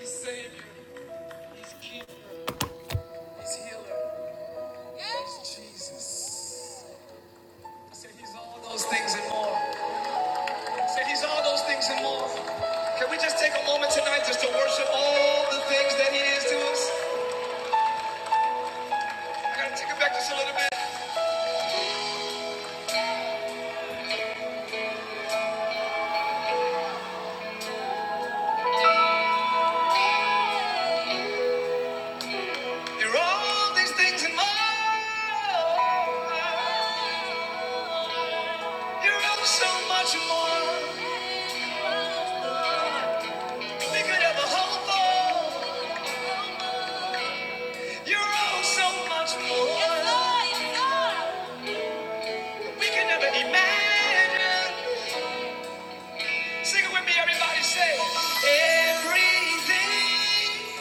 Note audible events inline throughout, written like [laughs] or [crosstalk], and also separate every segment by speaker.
Speaker 1: He's Savior, He's Keeper, He's Healer, He's Jesus. He said He's all those things and more. He said He's all those things and more. Can we just take a moment tonight just to worship all the things that He is to us? I gotta take it back just a little bit. You're all these things and more. You're all so much more. We could ever hope for. You're all so much more. Yes, Lord, yes, Lord. We can never imagine. Sing it with me, everybody. Say everything,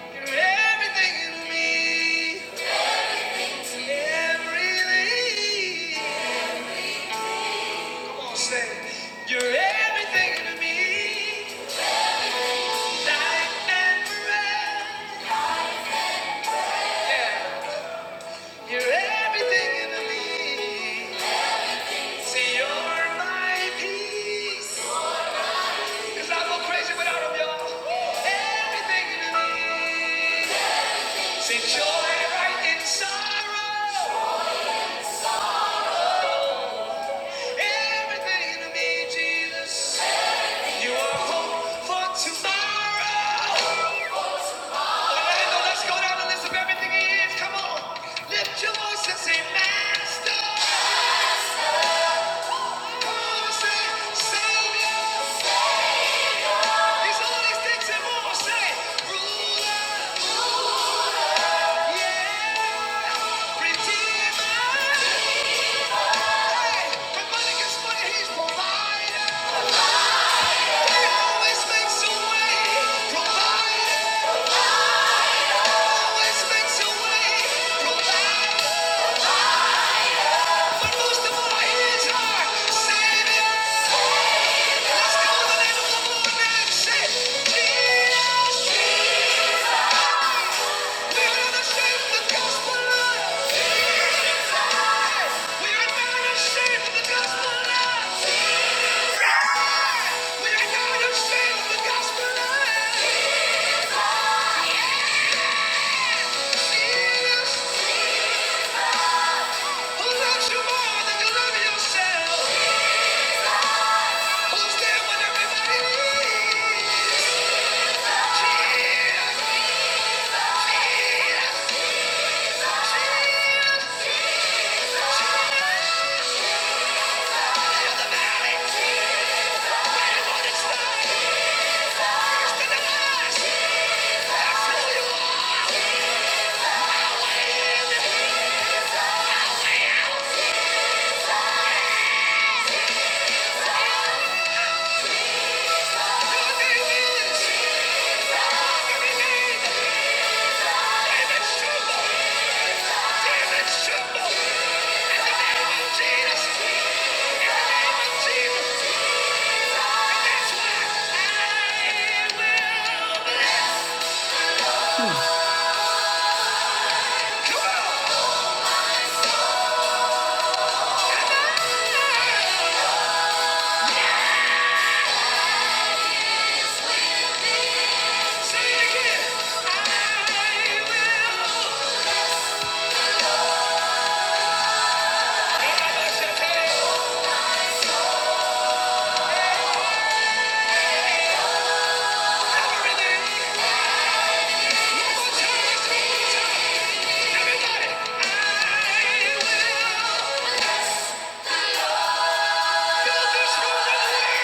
Speaker 1: you're everything to me, everything. Come on, say you're everything to me, life and breath. Yeah, you're everything to me. See, you're my peace. 'Cause I go crazy without 'em, y'all. Everything to me. See, joy right in sorrow. let's go down the list of everything He is. Come on, lift your voice and say, Master. Come Savior. He's all these things and more. Say, Ruler. Yeah. Redeemer. Hey, when money gets money, He's provider. He always makes a way. Provider. Who loves you more than you love yourself? Who's there when everybody needs?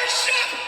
Speaker 1: Worship!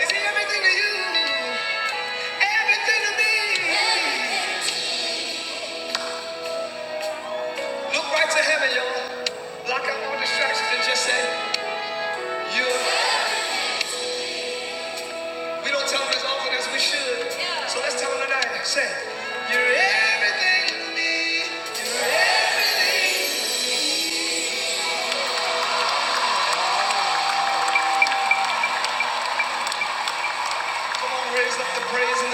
Speaker 1: Is he everything to you? Everything to me? Look right to heaven, y'all. Lock out all distractions and just say, you we don't tell them as often as we should. Yeah. So let's tell them tonight. Say, you're everything to me. You're everything. Come on, raise up the praise in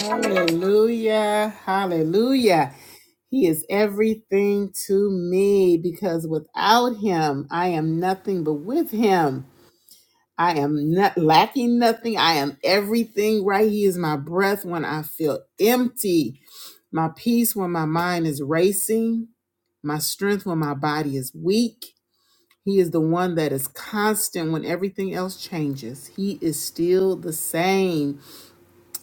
Speaker 1: the room. Hallelujah. Hallelujah. Hallelujah. He is everything to me because without him, I am nothing but with him. I am not lacking nothing. I am everything, right? He is my breath when I feel empty, my peace when my mind is racing, my strength when my body is weak. He is the one that is constant when everything else changes. He is still the same.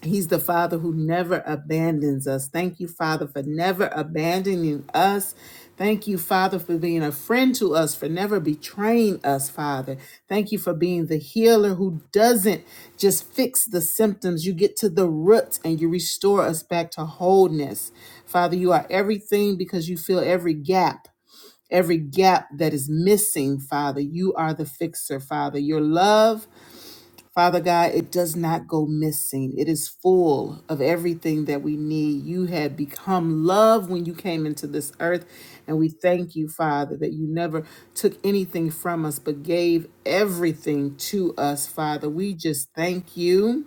Speaker 1: He's the Father who never abandons us. Thank you, Father, for never abandoning us. Thank you, Father, for being a friend to us, for never betraying us, Father. Thank you for being the healer who doesn't just fix the symptoms. You get to the root and you restore us back to wholeness. Father, you are everything because you fill every gap, every gap that is missing, Father. You are the fixer, Father. Your love Father God, it does not go missing. It is full of everything that we need. You had become love when you came into this earth. And we thank you, Father, that you never took anything from us, but gave everything to us, Father. We just thank you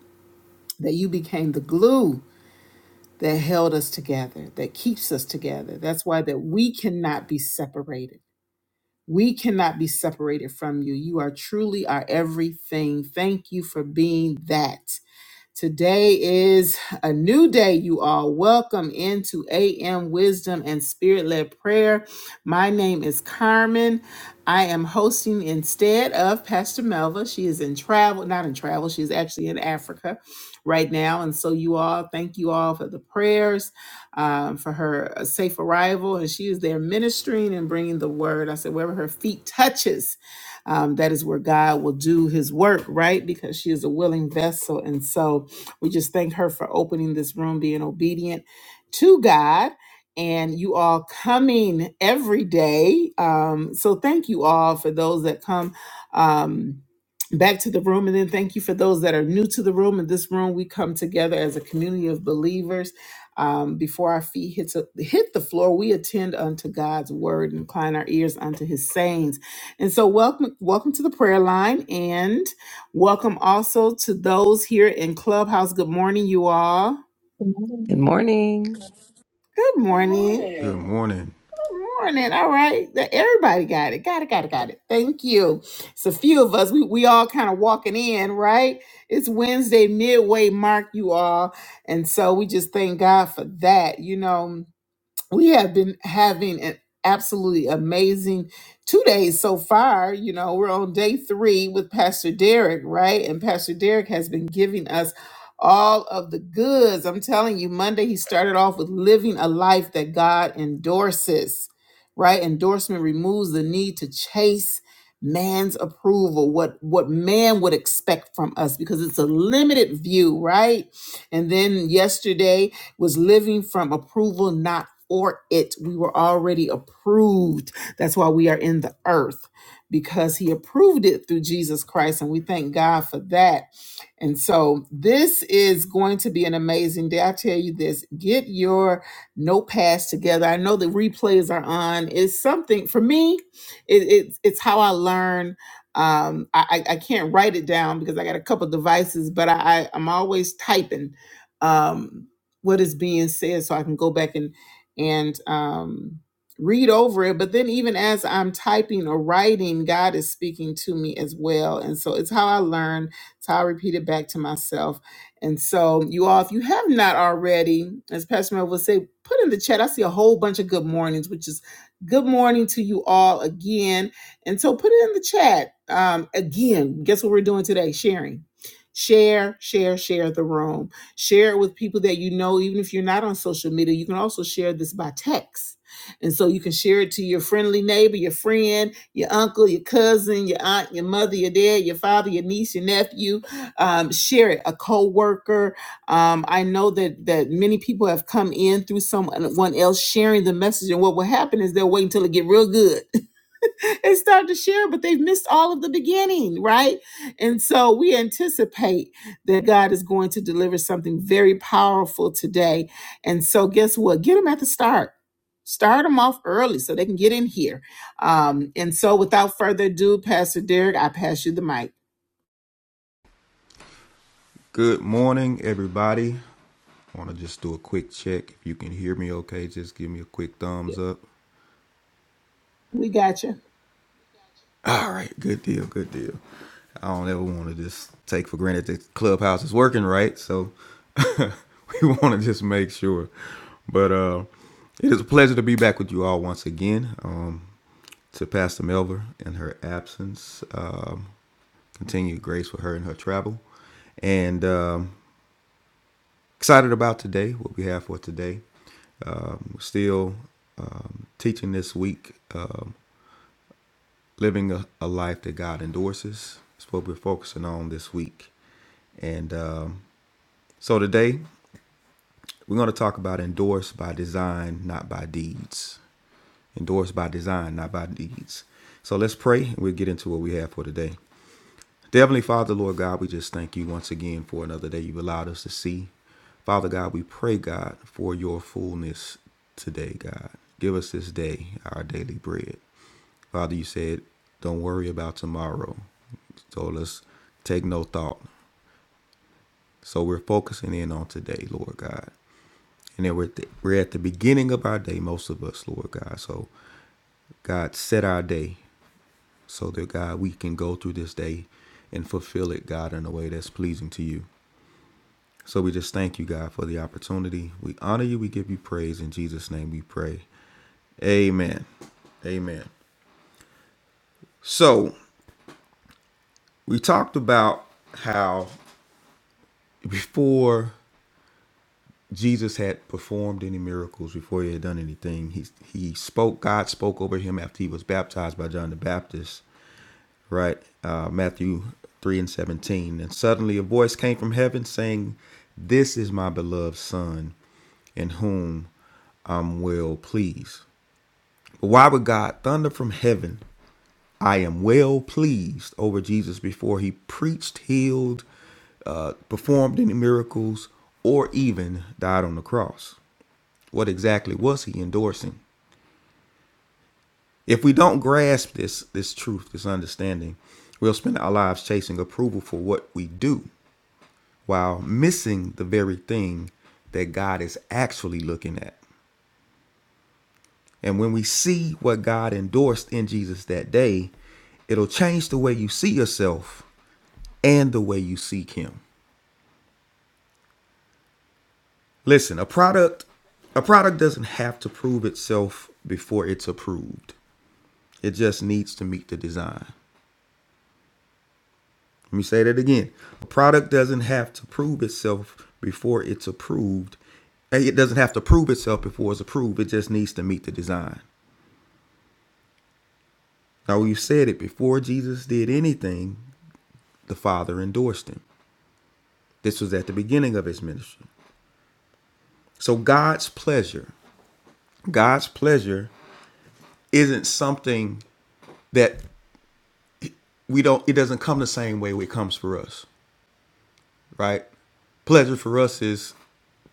Speaker 1: that you became the glue that held us together, that keeps us together. That's why that we cannot be separated. We cannot be separated from you. You are truly our everything. Thank you for being that. Today is a new day, you all. Welcome into AM Wisdom and Spirit led prayer. My name is Carmen. I am hosting instead of Pastor Melva. She is in travel, not in travel, she's actually in Africa right now. And so, you all, thank you all for the prayers, um, for her uh, safe arrival. And she is there ministering and bringing the word. I said, wherever her feet touches, um, that is where God will do his work, right? Because she is a willing vessel. And so, we just thank her for opening this room, being obedient to God, and you all coming every day. Um, so thank you all for those that come. Um, Back to the room, and then thank you for those that are new to the room. In this room, we come together as a community of believers um, before our feet hits a, hit the floor, we attend unto God's word and incline our ears unto His sayings. And so, welcome, welcome to the prayer line. And Welcome also to those here in Clubhouse. Good morning, you all.
Speaker 2: Good morning.
Speaker 3: Good morning.
Speaker 1: Good morning.
Speaker 4: Good morning.
Speaker 1: Good morning. All right. That- Everybody got it. Got it. Got it. Got it. Thank you. It's a few of us. We, we all kind of walking in, right? It's Wednesday, midway mark, you all. And so we just thank God for that. You know, we have been having an absolutely amazing two days so far. You know, we're on day three with Pastor Derek, right? And Pastor Derek has been giving us all of the goods. I'm telling you, Monday he started off with living a life that God endorses, right? Endorsement removes the need to chase man's approval what what man would expect from us because it's a limited view right and then yesterday was living from approval, not for it. We were already approved. That's why we are in the earth because he approved it through Jesus Christ. And we thank God for that. And so this is going to be an amazing day. I tell you this get your notepads together. I know the replays are on. It's something for me, it, it's, it's how I learn. Um, I, I I can't write it down because I got a couple devices, but I, I, I'm always typing. Um, what is being said so I can go back and and um read over it but then even as I'm typing or writing God is speaking to me as well and so it's how I learn it's how I repeat it back to myself and so you all if you have not already as Pastor Mel will say put in the chat I see a whole bunch of good mornings which is good morning to you all again and so put it in the chat um again guess what we're doing today sharing share share share the room Share it with people that you know, even if you're not on social media. You can also share this by text. And so you can share it to your friendly neighbor, your friend, your uncle, your cousin, your aunt, your mother, your dad, your father, your niece, your nephew. Um, share it, a coworker. Um, I know that that many people have come in through someone else sharing the message, and what will happen is they'll wait until it get real good and start to share, but they've missed all of the beginning, right? And so we anticipate that God is going to deliver something very powerful today. And so, guess what? Get them at the start. Start them off early so they can get in here. Um, and so, without further ado, Pastor Derek, I pass you the mic.
Speaker 4: Good morning, everybody. I want to just do a quick check. If you can hear me okay, just give me a quick thumbs
Speaker 1: Yep,
Speaker 4: up.
Speaker 1: We got you.
Speaker 4: All right, good deal, good deal. I don't ever want to just take for granted that Clubhouse is working right, so [laughs] we want to just make sure. But uh, it is a pleasure to be back with you all once again. Um, to Pastor Melva in her absence, uh, continued grace for her in her travel, and um, excited about today. What we have for today. We're still um, teaching this week, uh, living a, a life that God endorses. It's what we're focusing on this week. And um, so today, we're going to talk about endorsed by design, not by deeds. Endorsed by design, not by deeds. So let's pray and we'll get into what we have for today. Dear Heavenly Father, Lord God, we just thank you once again for another day you've allowed us to see. Father God, we pray, God, for your fullness today, God. Give us this day our daily bread. Father, you said, don't worry about tomorrow. So let's take no thought. So we're focusing in on today, Lord God. And then we're, at the- we're at the beginning of our day, most of us, Lord God. So, God, set our day so that, God, we can go through this day and fulfill it, God, in a way that's pleasing to you. So we just thank you, God, for the opportunity. We honor you. We give you praise. In Jesus' name we pray. Amen. Amen. So we talked about how before Jesus had performed any miracles before he had done anything. He he spoke. God spoke over him after he was baptized by John the Baptist. Right, uh, Matthew three and seventeen. And suddenly a voice came from heaven saying, "This is my beloved son, in whom I'm well pleased." But why would God thunder from heaven? I am well pleased over Jesus before he preached, healed, uh, performed any miracles, or even died on the cross what exactly was he endorsing? If we don't grasp this this truth, this understanding, we'll spend our lives chasing approval for what we do while missing the very thing that God is actually looking at. And when we see what God endorsed in Jesus that day, it'll change the way you see yourself and the way you seek him. Listen, a product a product doesn't have to prove itself before it's approved. It just needs to meet the design. Let me say that again. A product doesn't have to prove itself before it's approved. And It doesn't have to prove itself before it's approved. It just needs to meet the design. Now, we've said it before Jesus did anything, the Father endorsed him. This was at the beginning of his ministry. So, God's pleasure, God's pleasure isn't something that we don't, it doesn't come the same way it comes for us. right? Pleasure for us is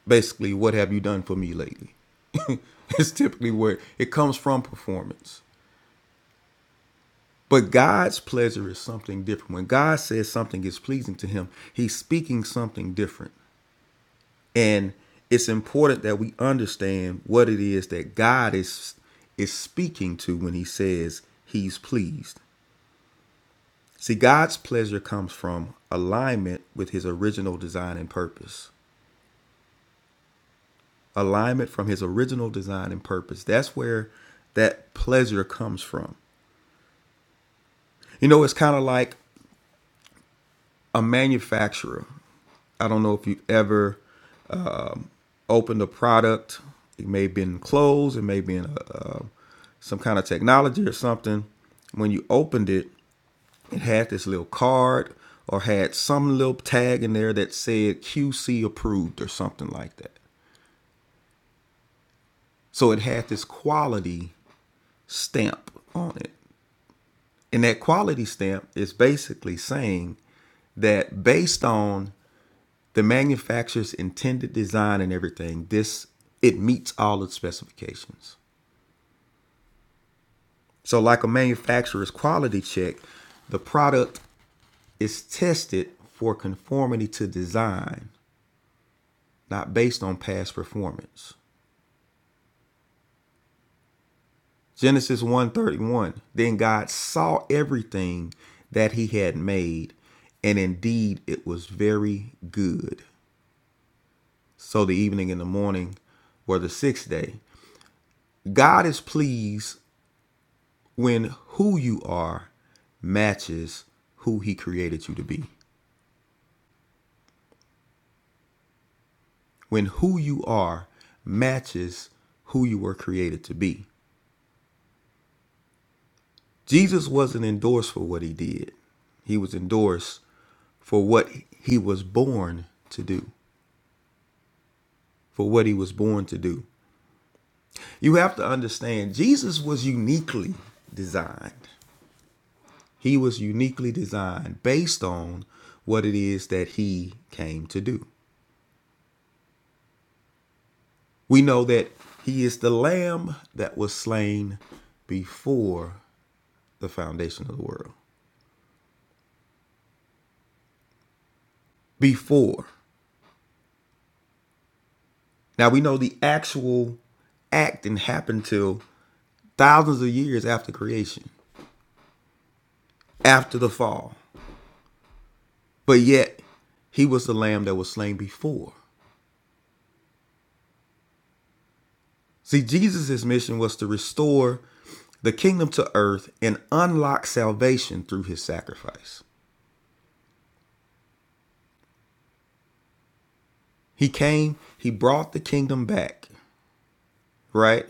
Speaker 4: basically what have you done for me lately? [laughs] it's typically where it comes from performance. But God's pleasure is something different. When God says something is pleasing to him, he's speaking something different. And it's important that we understand what it is that God is is speaking to when he says he's pleased. See, God's pleasure comes from alignment with his original design and purpose. alignment from his original design and purpose. That's where that pleasure comes from. You know, it's kind of like a manufacturer. I don't know if you've ever opened a product. It may have been clothes, it may have been a, uh, some kind of technology or something. When you opened it, it had this little card or had some little tag in there that said QC approved or something like that. So it had this quality stamp on it. And that quality stamp is basically saying that based on the manufacturer's intended design and everything, this it meets all its specifications. So like a manufacturer's quality check, the product is tested for conformity to design, not based on past performance. Genesis one thirty one: Then God saw everything that he had made, and indeed it was very good. So the evening and the morning were the sixth day. God is pleased when who you are matches who he created you to be. When who you are matches who you were created to be. Jesus wasn't endorsed for what he did. He was endorsed for what he was born to do, for what he was born to do. You have to understand, Jesus was uniquely designed. He was uniquely designed based on what it is that he came to do. We know that he is the lamb that was slain before the foundation of the world. Before. Now we know the actual act didn't happen till thousands of years after creation, after the fall. But yet, he was the lamb that was slain before. See, Jesus' mission was to restore the kingdom to earth and unlock salvation through his sacrifice. He came, he brought the kingdom back, right?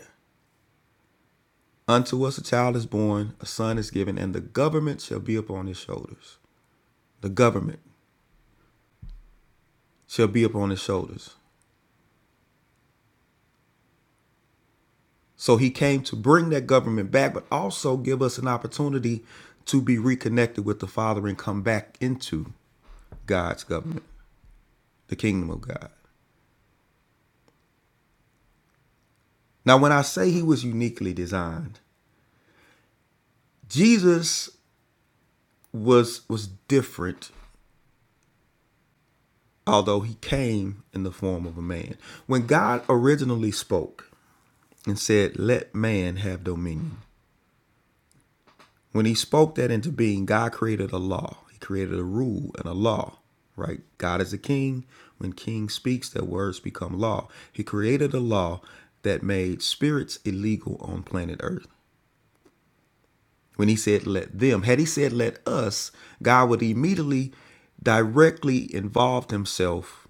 Speaker 4: Unto us a child is born, a son is given, and the government shall be upon his shoulders. The government shall be upon his shoulders. So he came to bring that government back, but also give us an opportunity to be reconnected with the Father and come back into God's government, the kingdom of God. Now, when I say he was uniquely designed, Jesus was was different, although he came in the form of a man. When God originally spoke and said, "Let man have dominion," when he spoke that into being, God created a law. He created a rule and a law. Right? God is a king. When king speaks, their words become law. He created a law that made spirits illegal on planet Earth. when he said let them. Had he said let us, God would immediately directly involve himself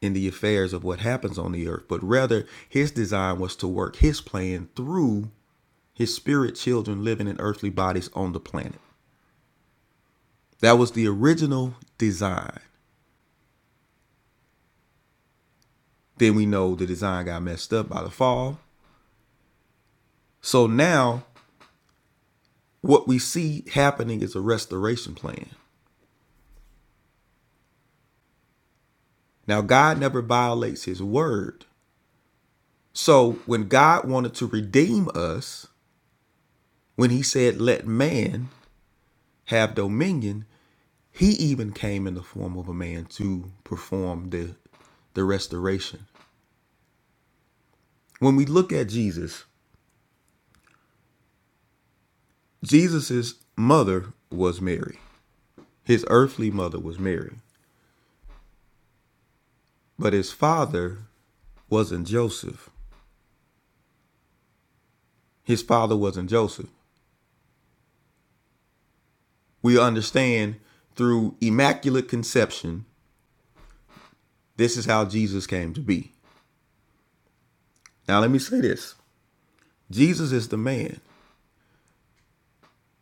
Speaker 4: in the affairs of what happens on the earth. But rather, his design was to work his plan through his spirit children living in earthly bodies on the planet. That was the original design. Then we know the design got messed up by the fall. So now what we see happening is a restoration plan. Now, God never violates his word, So when God wanted to redeem us, when he said, let man have dominion, he even came in the form of a man to perform the, the restoration. When we look at Jesus, Jesus's mother was Mary. His earthly mother was Mary, but his father wasn't Joseph. His father wasn't Joseph. We understand through immaculate conception, this is how Jesus came to be. Now, let me say this Jesus is the man.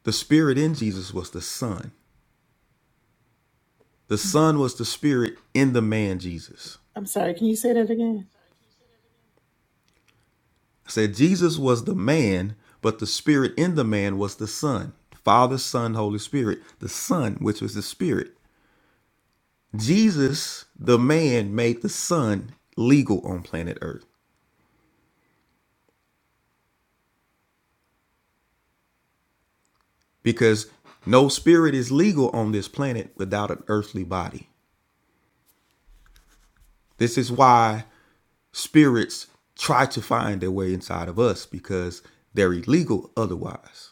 Speaker 4: The spirit in Jesus was the son. The son was the spirit in the man Jesus.
Speaker 1: I'm sorry. Can you say that again?
Speaker 4: I said Jesus was the man, but the spirit in the man was the son. Father, Son, Holy Spirit, the son, which was the spirit. Jesus, the man, made the son legal on planet earth because no spirit is legal on this planet without an earthly body. This is why spirits try to find their way inside of us because they're illegal otherwise.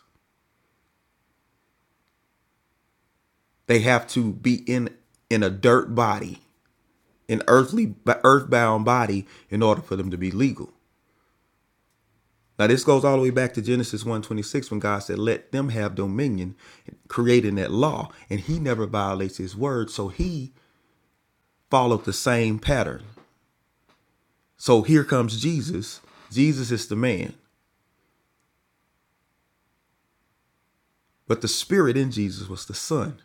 Speaker 4: They have to be in in a dirt body, an earthly earthbound body in order for them to be legal. Now this goes all the way back to Genesis one twenty-six, when God said let them have dominion creating that law and he never violates his word so he followed the same pattern. So here comes Jesus. Jesus is the man, but the spirit in Jesus was the son.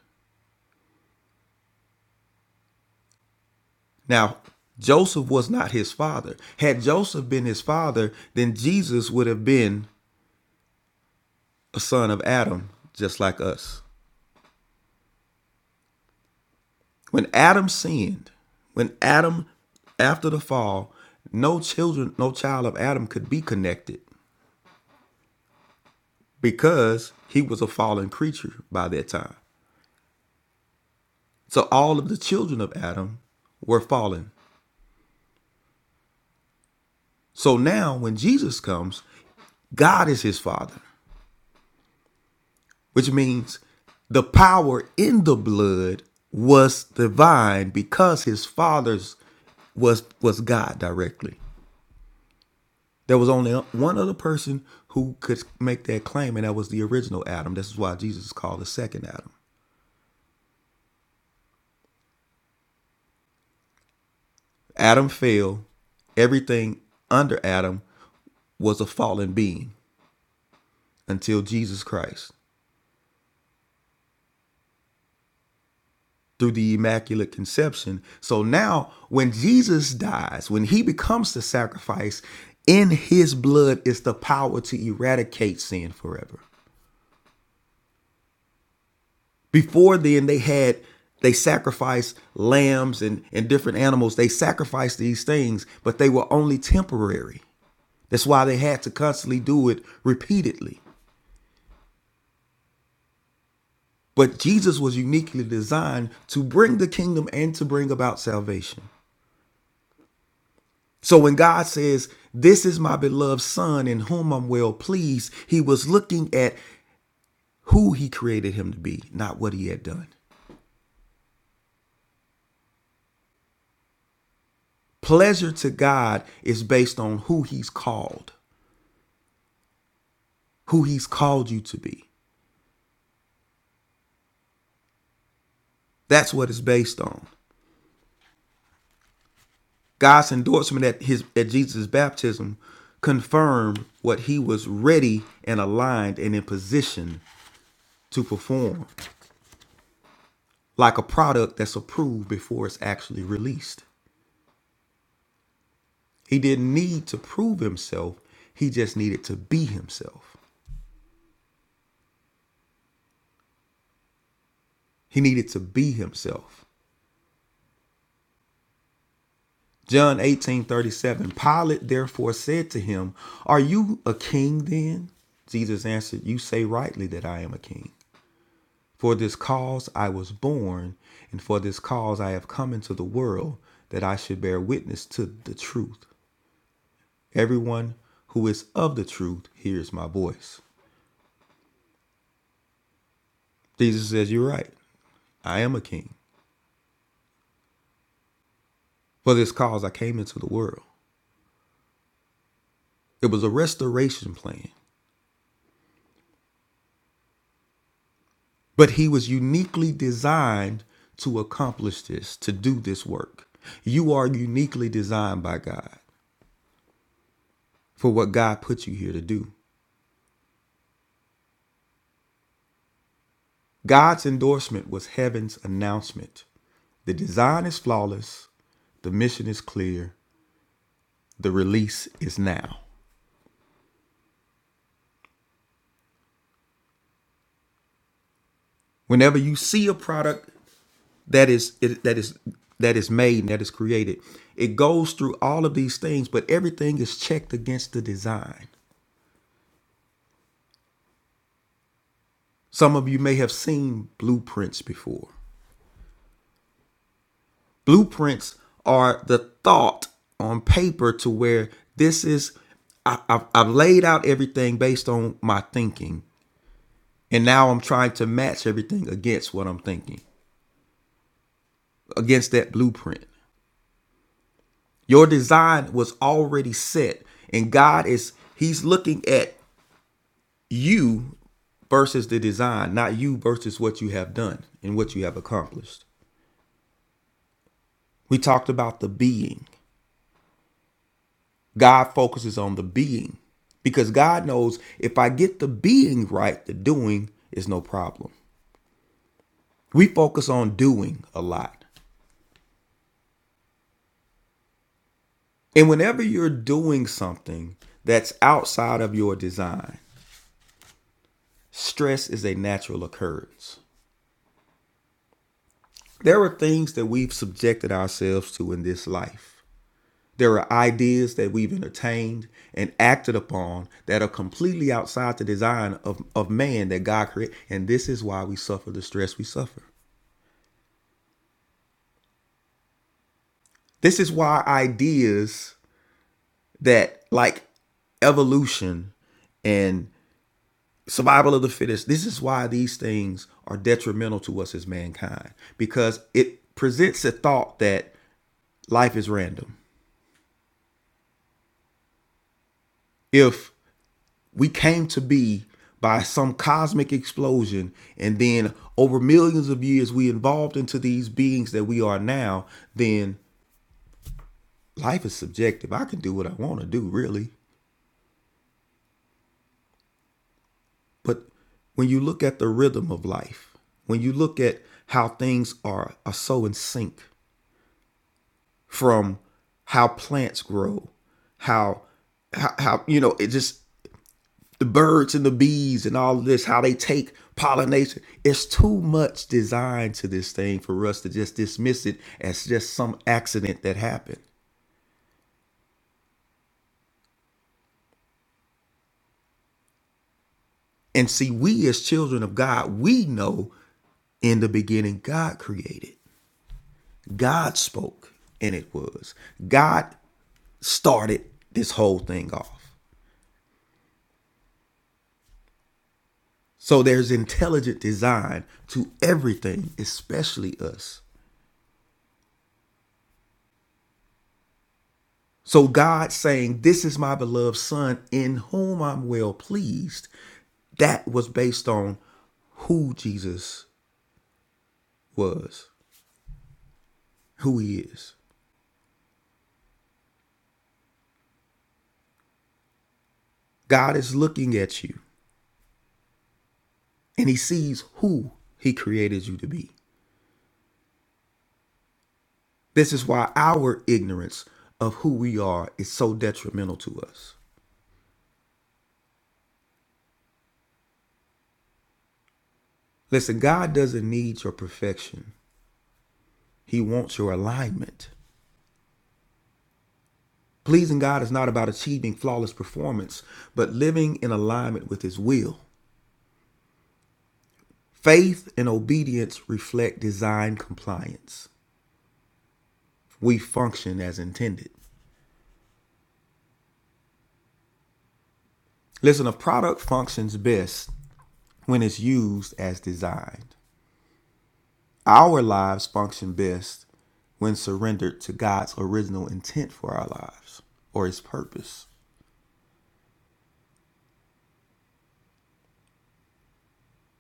Speaker 4: Now, Joseph was not his father. Had Joseph been his father, then Jesus would have been a son of Adam, just like us. When Adam sinned, when Adam, after the fall, no children, no child of Adam could be connected because he was a fallen creature by that time. So all of the children of Adam were fallen. So now when Jesus comes, God is his father. which means the power in the blood was divine because his father's was was God directly. There was only one other person who could make that claim, and that was the original Adam. This is why Jesus is called the second Adam. Adam fell. Everything under Adam was a fallen being until Jesus Christ. through the Immaculate Conception. So now, when Jesus dies, when he becomes the sacrifice, in his blood is the power to eradicate sin forever. Before then, they had they sacrificed lambs and, and different animals. They sacrificed these things, but they were only temporary. That's why they had to constantly do it repeatedly. But Jesus was uniquely designed to bring the kingdom and to bring about salvation. So when God says, This is my beloved son in whom I'm well pleased, he was looking at who he created him to be, not what he had done. Pleasure to God is based on who he's called, who he's called you to be. That's what it's based on. God's endorsement at his at Jesus' baptism confirmed what he was ready and aligned and in position to perform, like a product that's approved before it's actually released. He didn't need to prove himself, he just needed to be himself. He needed to be himself. John 18:37. Pilate therefore said to him, Are you a king then? Jesus answered, You say rightly that I am a king. For this cause I was born, and for this cause I have come into the world, that I should bear witness to the truth. Everyone who is of the truth hears my voice. Jesus says, You're right. I am a king. For this cause I came into the world. It was a restoration plan, but he was uniquely designed to accomplish this, to do this work. You are uniquely designed by God for what God put you here to do. God's endorsement was heaven's announcement. The design is flawless, the mission is clear, the release is now. Whenever you see a product that is it, that is that is made and that is created. It goes through all of these things, but everything is checked against the design. Some of you may have seen blueprints before. Blueprints are the thought on paper to where this is I, I've, I've laid out everything based on my thinking, and now I'm trying to match everything against what I'm thinking, against that blueprint. Your design was already set, and God is He's looking at you versus the design, not you versus what you have done and what you have accomplished. We talked about the being. God focuses on the being because God knows if I get the being right, the doing is no problem. We focus on doing a lot. And whenever you're doing something that's outside of your design, stress is a natural occurrence. There are things that we've subjected ourselves to in this life There are ideas that we've entertained and acted upon that are completely outside the design of, of man that God created. And this is why we suffer the stress we suffer. This is why ideas that like evolution and survival of the fittest, this is why these things are detrimental to us as mankind because it presents a thought that life is random. If We came to be by some cosmic explosion, and then over millions of years, we evolved into these beings that we are now. Then life is subjective. I can do what I want to do, really. But when you look at the rhythm of life, when you look at how things are, are so in sync from how plants grow, how, how, how you know, it just the birds and the bees and all of this, how they take pollination. It's too much design to this thing for us to just dismiss it as just some accident that happened. And see, we as children of God, we know in the beginning God created, God spoke, and it was. God started this whole thing off. So there's intelligent design to everything, especially us. So God saying, This is my beloved son in whom I'm well pleased, that was based on who Jesus was, who he is. God is looking at you and he sees who he created you to be. This is why our ignorance of who we are is so detrimental to us. Listen, God doesn't need your perfection, He wants your alignment. Pleasing God is not about achieving flawless performance, but living in alignment with His will. Faith and obedience reflect design compliance. We function as intended. Listen, a product functions best when it's used as designed. Our lives function best when surrendered to God's original intent for our lives or his purpose.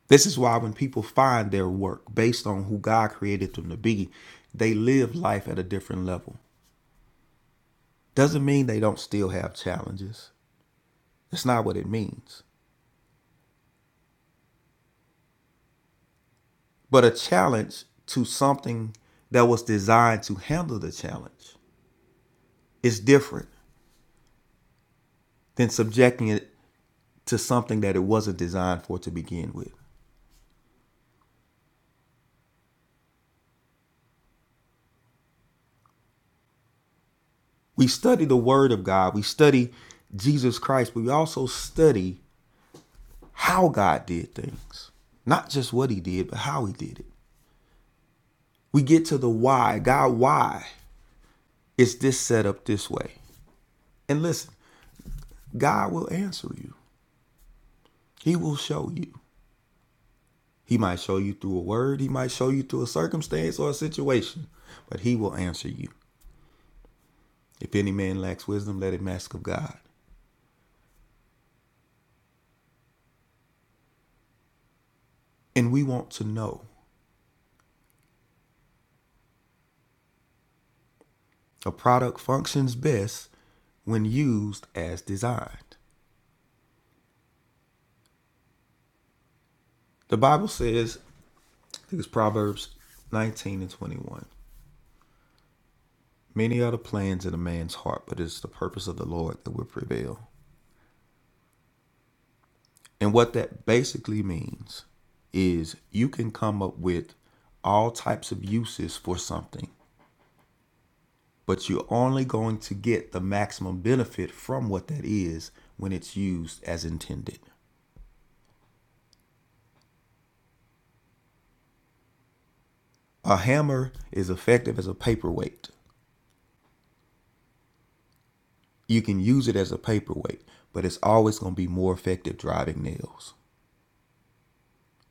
Speaker 4: This is why when people find their work based on who God created them to be, they live life at a different level. Doesn't mean they don't still have challenges. That's not what it means. but a challenge to something that was designed to handle the challenge is different than subjecting it to something that it wasn't designed for to begin with. We study the Word of God, we study Jesus Christ, but we also study how God did things, not just what He did, but how He did it. We get to the why. God, why is this set up this way? And listen, God will answer you, He will show you. He might show you through a word, he might show you through a circumstance or a situation, but he will answer you. If any man lacks wisdom, let him ask of God. And we want to know a product functions best when used as designed. The Bible says, I think it's Proverbs 19 and 21. Many are the plans in a man's heart, but it's the purpose of the Lord that will prevail. And what that basically means is you can come up with all types of uses for something but you're only going to get the maximum benefit from what that is when it's used as intended. A hammer is effective as a paperweight. You can use it as a paperweight, but it's always going to be more effective driving nails.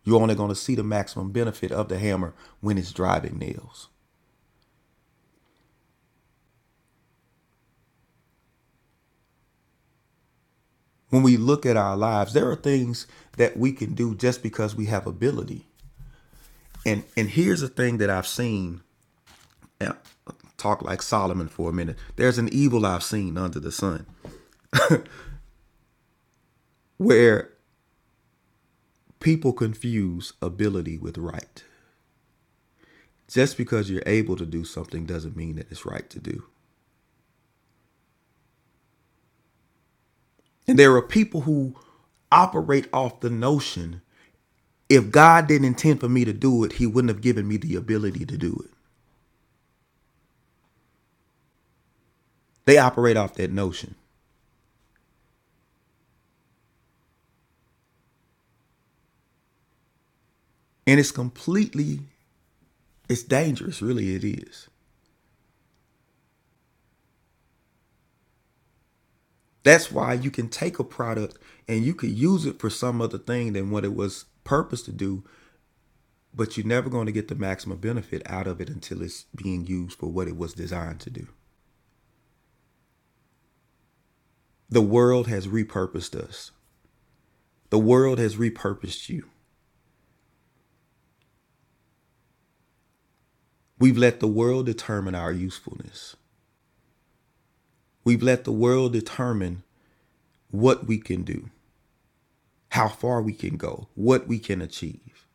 Speaker 4: You're only going to see the maximum benefit of the hammer when it's driving nails. When we look at our lives, there are things that we can do just because we have ability. And and here's a thing that I've seen. Now, Talk like Solomon for a minute. There's an evil I've seen under the sun. where people confuse ability with right. Just because you're able to do something doesn't mean that it's right to do. And there are people who operate off the notion if God didn't intend for me to do it, He wouldn't have given me the ability to do it. They operate off that notion. And it's completely, it's dangerous, really, it is. That's why you can take a product and you could use it for some other thing than what it was purposed to do, but you're never going to get the maximum benefit out of it until it's being used for what it was designed to do. The world has repurposed us. The world has repurposed you. We've let the world determine our usefulness. We've let the world determine what we can do, how far we can go, what we can achieve.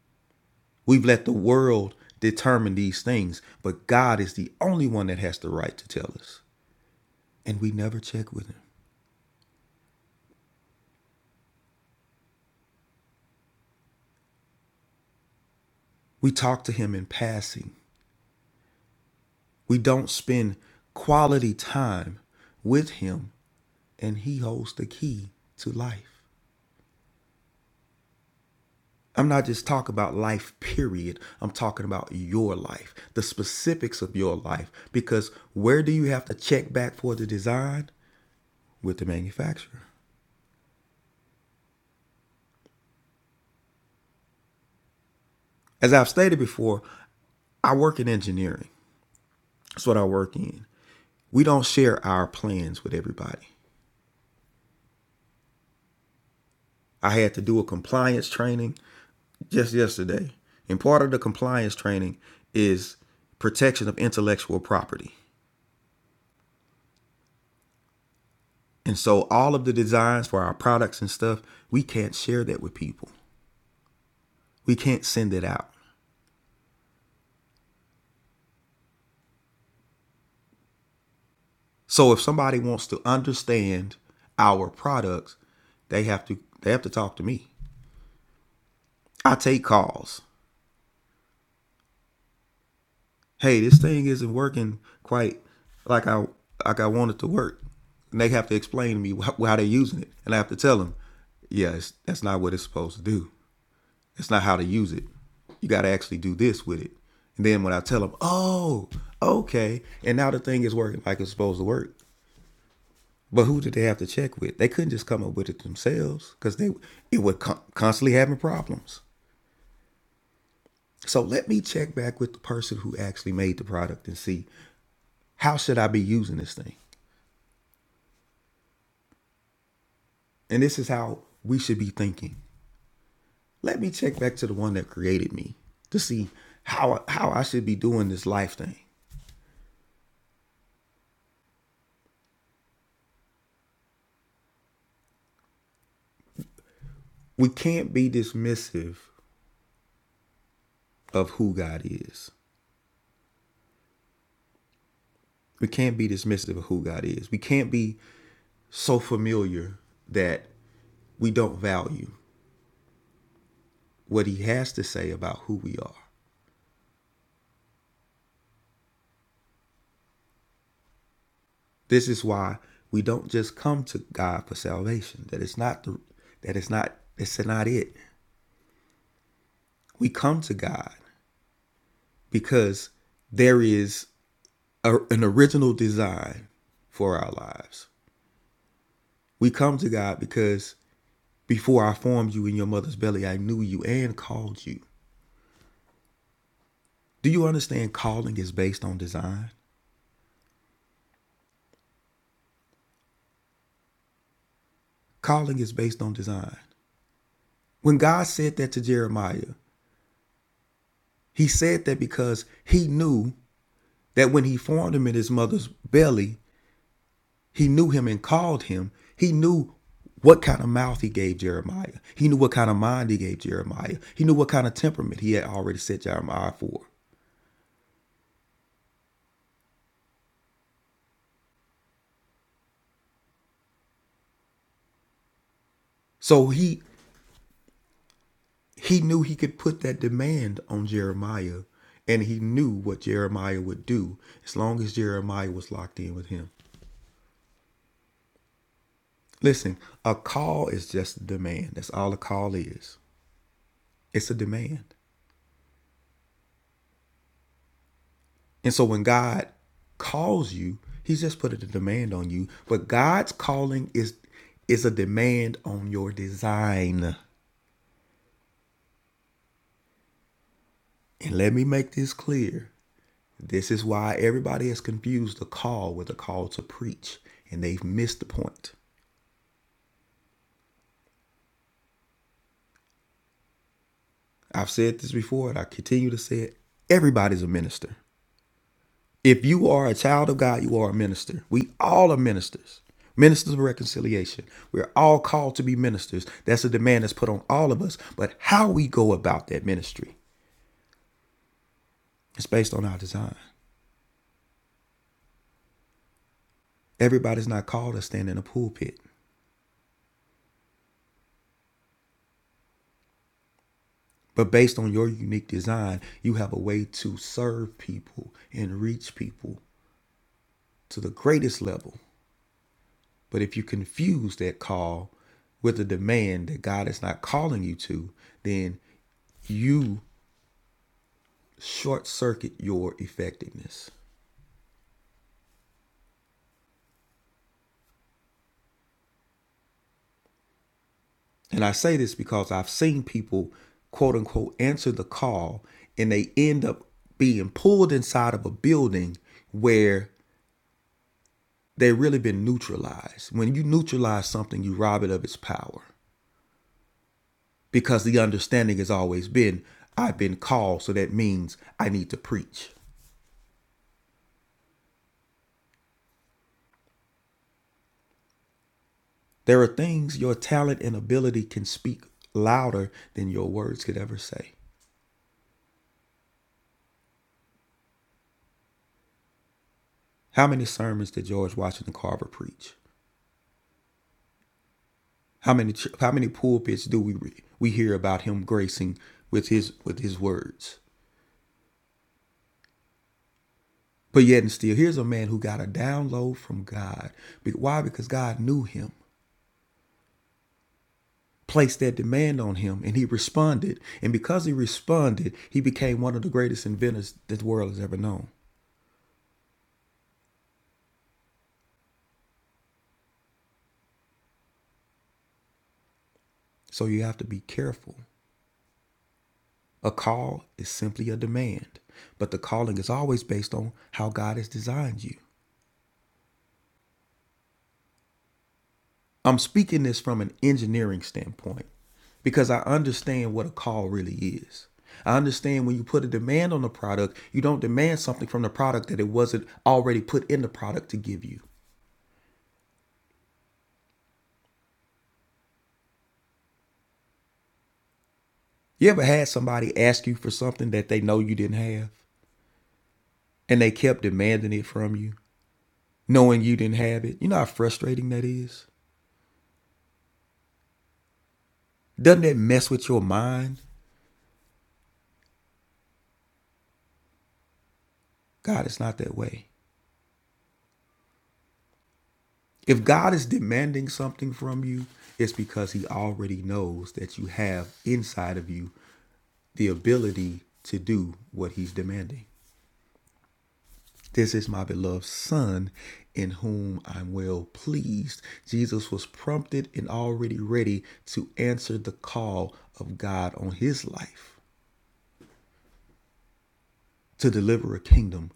Speaker 4: We've let the world determine these things, but God is the only one that has the right to tell us. And we never check with him. We talk to him in passing. We don't spend quality time with Him, and He holds the key to life. I'm not just talking about life, period. I'm talking about your life, the specifics of your life, because where do you have to check back for the design? With the manufacturer. As I've stated before, I work in engineering. That's what I work in. We don't share our plans with everybody. I had to do a compliance training just yesterday. And part of the compliance training is protection of intellectual property. And so all of the designs for our products and stuff, we can't share that with people. We can't send it out. So if somebody wants to understand our products, they have to they have to talk to me. I take calls. hey, this thing isn't working quite like I like I want it to work. And they have to explain to me wh- how they're using it, and I have to tell them, yeah, it's, that's not what it's supposed to do. It's not how to use it. You got to actually do this with it. And then when I tell them, oh, okay, and now the thing is working like it's supposed to work. But who did they have to check with? They couldn't just come up with it themselves because they it would con- constantly having problems. So let me check back with the person who actually made the product and see how should I be using this thing. And this is how we should be thinking. Let me check back to the one that created me to see how how I should be doing this life thing. We can't be dismissive of who God is. We can't be dismissive of who God is. We can't be so familiar that we don't value what he has to say about who we are. This is why we don't just come to God for salvation. That it's not the that it's not it's not it. We come to God because there is a, an original design for our lives. We come to God because before I formed you in your mother's belly, I knew you and called you. Do you understand calling is based on design? Calling is based on design. When God said that to Jeremiah, he said that because he knew that when he formed him in his mother's belly, he knew him and called him. He knew what kind of mouth he gave Jeremiah. He knew what kind of mind he gave Jeremiah. He knew what kind of temperament he had already set Jeremiah for. So he he knew he could put that demand on Jeremiah and he knew what Jeremiah would do as long as Jeremiah was locked in with him. Listen, a call is just a demand. That's all a call is. It's a demand. And so when God calls you, he's just putting a demand on you, but God's calling is is a demand on your design. And let me make this clear. This is why everybody has confused the call with the call to preach, and they've missed the point. I've said this before, and I continue to say it. Everybody's a minister. If you are a child of God, you are a minister. We all are ministers. Ministers of reconciliation. We're all called to be ministers. That's a demand that's put on all of us. But how we go about that ministry is based on our design. Everybody's not called to stand in a pulpit. But based on your unique design, you have a way to serve people and reach people to the greatest level. But if you confuse that call with a demand that God is not calling you to, then you short circuit your effectiveness. And I say this because I've seen people, quote unquote, answer the call and they end up being pulled inside of a building where they've really been neutralized. When you neutralize something, you rob it of its power because the understanding has always been I've been called, so that means I need to preach. There are things your talent and ability can speak louder than your words could ever say. How many sermons did George Washington Carver preach? How many how many pulpits do we we hear about him gracing with his with his words? But yet and still, here's a man who got a download from God. Why? Because God knew him, placed that demand on him, and he responded. And because he responded, he became one of the greatest inventors this world has ever known. So you have to be careful A call is simply a demand, but the calling is always based on how God has designed you. I'm speaking this from an engineering standpoint because I understand what a call really is. I understand when you put a demand on a product, you don't demand something from the product that it wasn't already put in the product to give you. You ever had somebody ask you for something that they know you didn't have and they kept demanding it from you, knowing you didn't have it? You know how frustrating that is? Doesn't that mess with your mind? God, it's not that way. If God is demanding something from you, it's because He already knows that you have inside of you the ability to do what He's demanding. This is my beloved Son in whom I'm well pleased. Jesus was prompted and already ready to answer the call of God on His life to deliver a kingdom,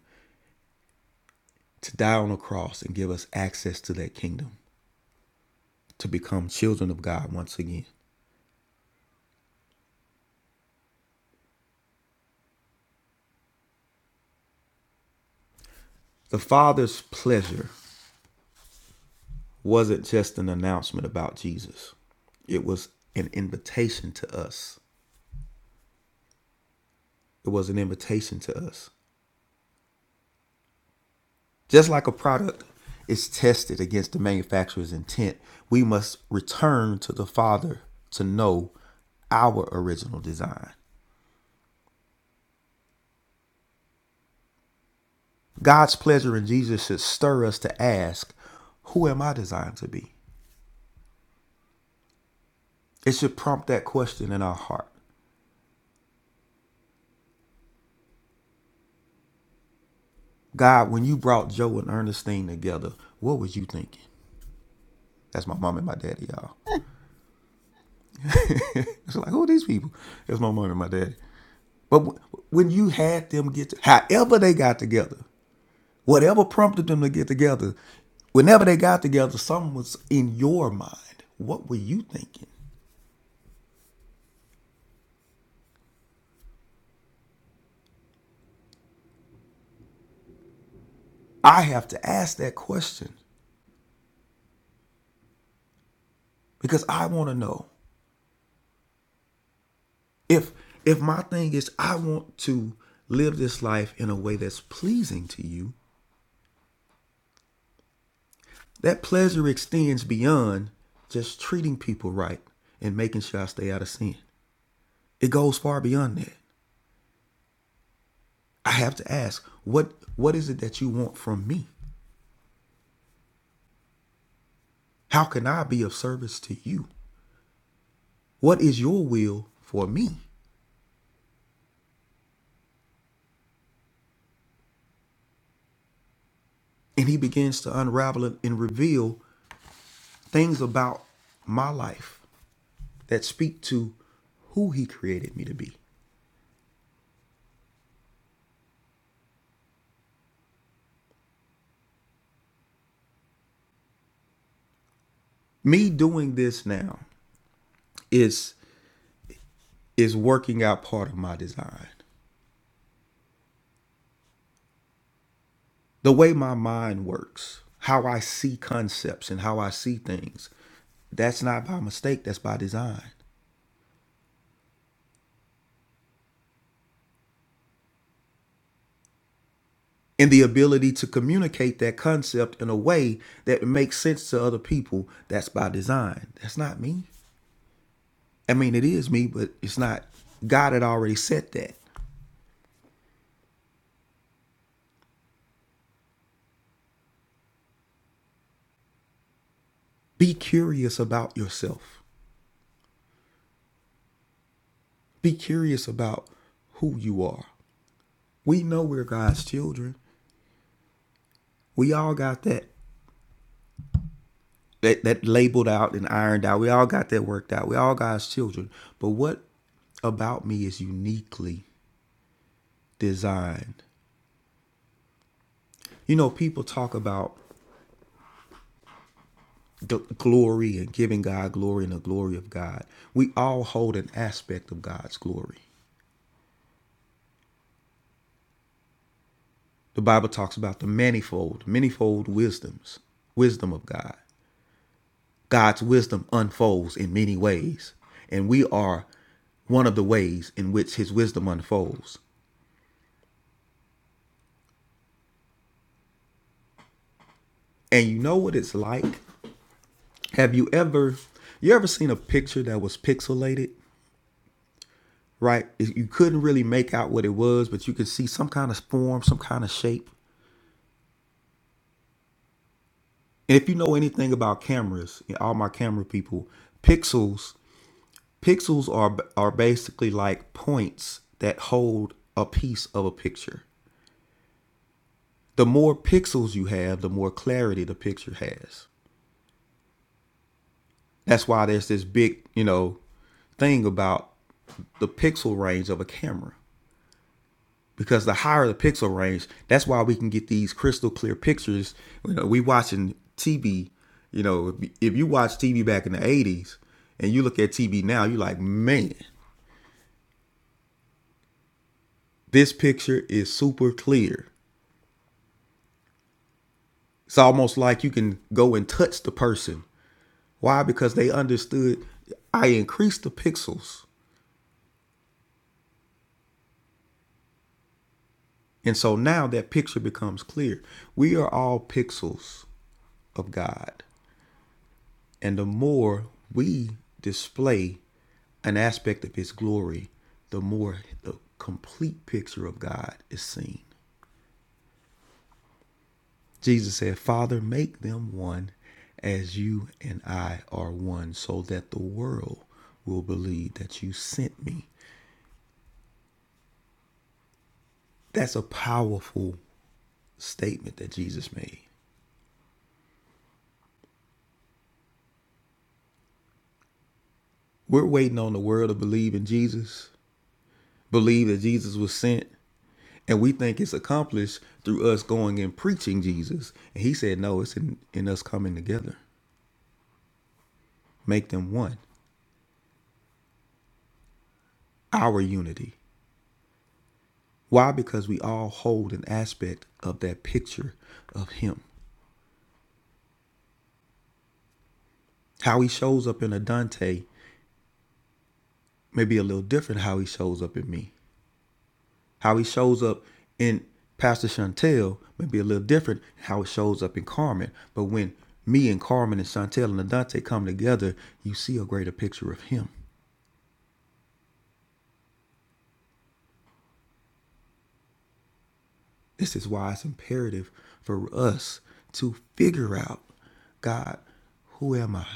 Speaker 4: to die on a cross and give us access to that kingdom, to become children of God once again. The Father's pleasure wasn't just an announcement about Jesus, it was an invitation to us. It was an invitation to us. Just like a product is tested against the manufacturer's intent, we must return to the Father to know our original design. God's pleasure in Jesus should stir us to ask, Who am I designed to be? It should prompt that question in our heart. God, when you brought Joe and Ernestine together, what was you thinking? That's my mom and my daddy, y'all. It's like, who are these people? It's my mom and my daddy. But w- when you had them get, to, however they got together, whatever prompted them to get together, whenever they got together, something was in your mind. What were you thinking? I have to ask that question because I want to know if if my thing is I want to live this life in a way that's pleasing to you. That pleasure extends beyond just treating people right and making sure I stay out of sin. It goes far beyond that. I have to ask, what what is it that you want from me? How can I be of service to you? What is your will for me? And he begins to unravel it and reveal things about my life that speak to who he created me to be. Me doing this now is is working out part of my design. The way my mind works, how I see concepts and how I see things, that's not by mistake, that's by design. and the ability to communicate that concept in a way that makes sense to other people that's by design that's not me i mean it is me but it's not god had already said that be curious about yourself be curious about who you are we know we're god's children we all got that that, that labeled out and ironed out we all got that worked out we all god's children but what about me is uniquely designed. You know, people talk about the glory and giving God glory and the glory of God. We all hold an aspect of God's glory. The Bible talks about the manifold, manifold wisdoms, wisdom of God. God's wisdom unfolds in many ways, and we are one of the ways in which his wisdom unfolds. And you know what it's like? Have you ever you ever seen a picture that was pixelated, right? You couldn't really make out what it was, but you could see some kind of form, some kind of shape if you know anything about cameras, all my camera people, pixels pixels are are basically like points that hold a piece of a picture. The more pixels you have, the more clarity the picture has. That's why there's this big, you know, thing about the pixel range of a camera. because the higher the pixel range, that's why we can get these crystal clear pictures. You know, we watching TV. You know, if, you watch TV back in the '80s and you look at TV now, you're like, man, this picture is super clear. It's almost like you can go and touch the person. Why? Because they understood I increased the pixels. And so now that picture becomes clear. We are all pixels of God. And the more we display an aspect of his glory, the more the complete picture of God is seen. Jesus said, Father, make them one as you and I are one, so that the world will believe that you sent me. That's a powerful statement that Jesus made. We're waiting on the world to believe in Jesus, believe that Jesus was sent, And we think it's accomplished through us going and preaching Jesus. And he said, no, it's in, in us coming together. Make them one. Our unity. Why? Because we all hold an aspect of that picture of him. How he shows up in a Dante may be a little different how he shows up in me. How he shows up in Pastor Chantel may be a little different how it shows up in Carmen. But when me and Carmen and Chantel and Adante come together, you see a greater picture of him. This is why it's imperative for us to figure out God, who am I?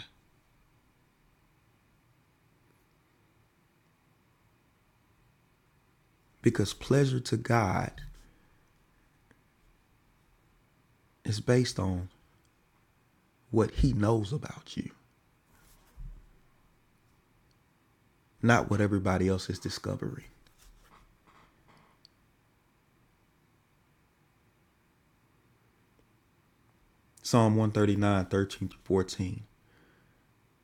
Speaker 4: Because pleasure to God is based on what he knows about you, not what everybody else is discovering. Psalm one thirty nine thirteen 13 through 14.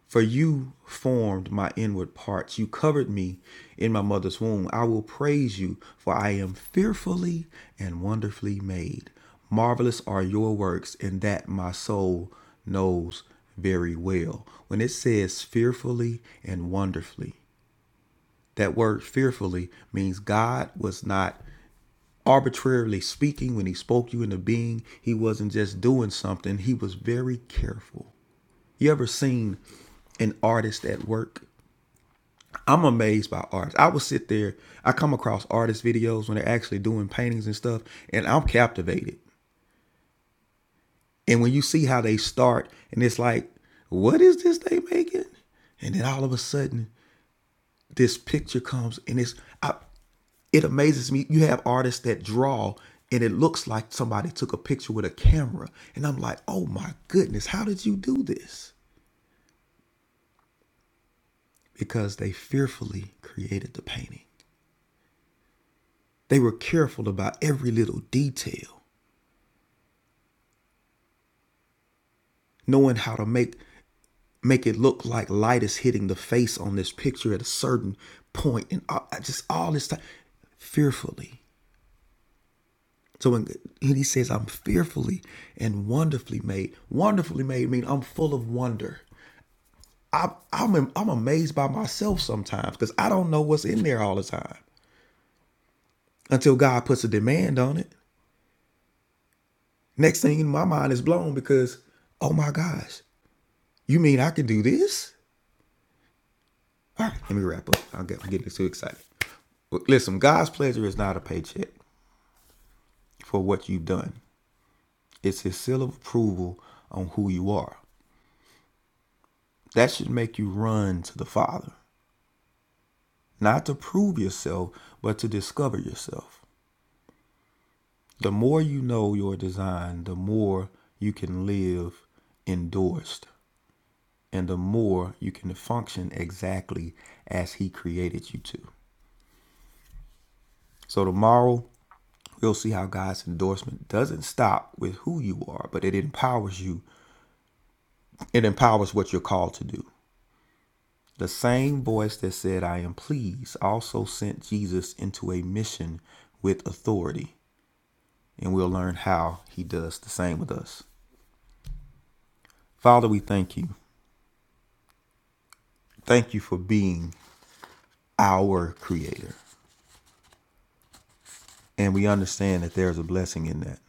Speaker 4: For you formed my inward parts. You covered me in my mother's womb. I will praise you, for I am fearfully and wonderfully made. Marvelous are your works, and that my soul knows very well. When it says fearfully and wonderfully, that word fearfully means God was not arbitrarily speaking when he spoke you into being. He wasn't just doing something, he was very careful. You ever seen an artist at work? I'm amazed by artists. I will sit there. I come across artist videos when they're actually doing paintings and stuff, and I'm captivated. And when you see how they start, and it's like, what is this they making? And then all of a sudden, this picture comes, and it's I, it amazes me. You have artists that draw, and it looks like somebody took a picture with a camera, and I'm like, oh my goodness, how did you do this? Because they fearfully created the painting. They were careful about every little detail. knowing how to make make it look like light is hitting the face on this picture at a certain point and I, just all this time fearfully so when, he says i'm fearfully and wonderfully made wonderfully made mean i'm full of wonder I, i'm am- i'm amazed by myself sometimes because i don't know what's in there all the time until god puts a demand on it next thing in my mind is blown because oh my gosh you mean i can do this All right, let me wrap up. I'll get, I'm getting too excited. Well, Listen, God's pleasure is not a paycheck for what you've done. It's His seal of approval on who you are. That should make you run to the Father, not to prove yourself, but to discover yourself. The more you know your design, the more you can live endorsed, and the more you can function exactly as He created you to. So tomorrow, we'll see how God's endorsement doesn't stop with who you are, but it empowers you. It empowers what you're called to do. The same voice that said, I am pleased, also sent Jesus into a mission with authority. And we'll learn how he does the same with us. Father, we thank you. Thank you for being our creator. And we understand that there's a blessing in that.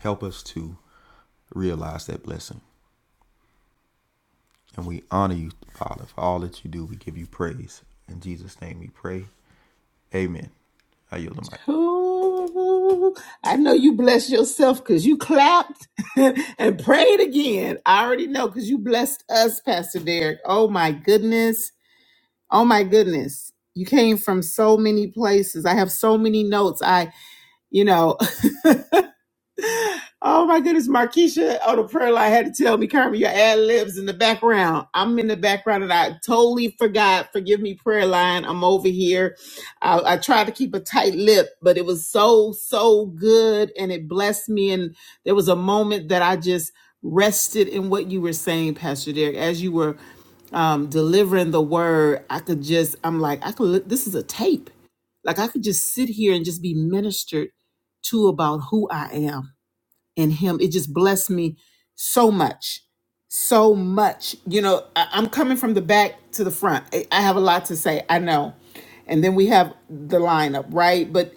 Speaker 4: Help us to realize that blessing. And we honor you, Father, for all that you do. We give you praise. In Jesus' name we pray. Amen. I yield the mic.
Speaker 1: Ooh, I know you blessed yourself because you clapped [laughs] and prayed again. I already know because you blessed us, Pastor Derek. Oh my goodness. Oh my goodness. You came from so many places. I have so many notes. I, you know, [laughs] Oh my goodness, Markeisha on the prayer line had to tell me, Carmen, your ad libs in the background. I'm in the background and I totally forgot. Forgive me, prayer line. I'm over here. I, I tried to keep a tight lip, but it was so, so good and it blessed me. And there was a moment that I just rested in what you were saying, Pastor Derek, as you were um, delivering the word. I could just, I'm like, I could, li- this is a tape. Like I could just sit here and just be ministered to about who I am in him. It just blessed me so much. So much. You know, I, I'm coming from the back to the front. I, I have a lot to say, I know. And then we have the lineup, right? But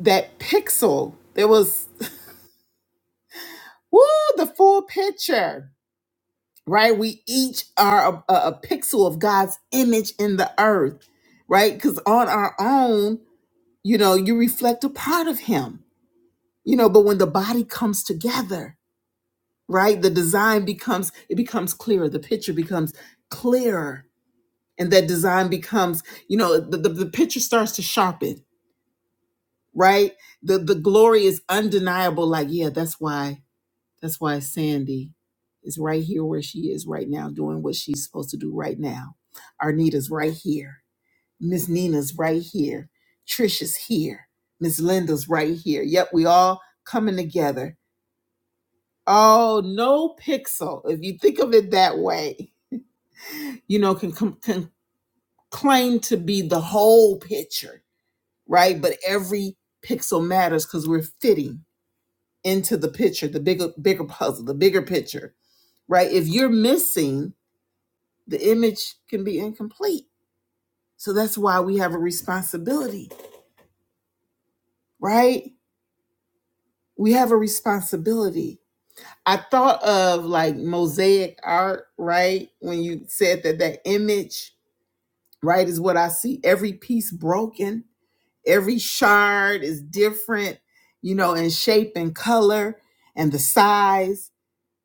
Speaker 1: that pixel, there was, woo, the full picture, right? We each are a, a, a pixel of God's image in the earth, right? Because on our own, you know, you reflect a part of Him, you know, but when the body comes together, right the design becomes it becomes clearer the picture becomes clearer and that design becomes you know the, the, the picture starts to sharpen right the the glory is undeniable like yeah that's why that's why sandy is right here where she is right now doing what she's supposed to do right now arnita's right here miss nina's right here trish is here miss linda's right here yep we all coming together Oh, no pixel, if you think of it that way. you know, can, can claim to be the whole picture, right? But every pixel matters because we're fitting into the picture, the bigger, bigger puzzle, the bigger picture, right? If you're missing, the image can be incomplete. So that's why we have a responsibility, right? We have a responsibility. I thought of like mosaic art, right? When you said that that image, right, is what I see. Every piece broken, Every shard is different, you know, in shape and color and the size.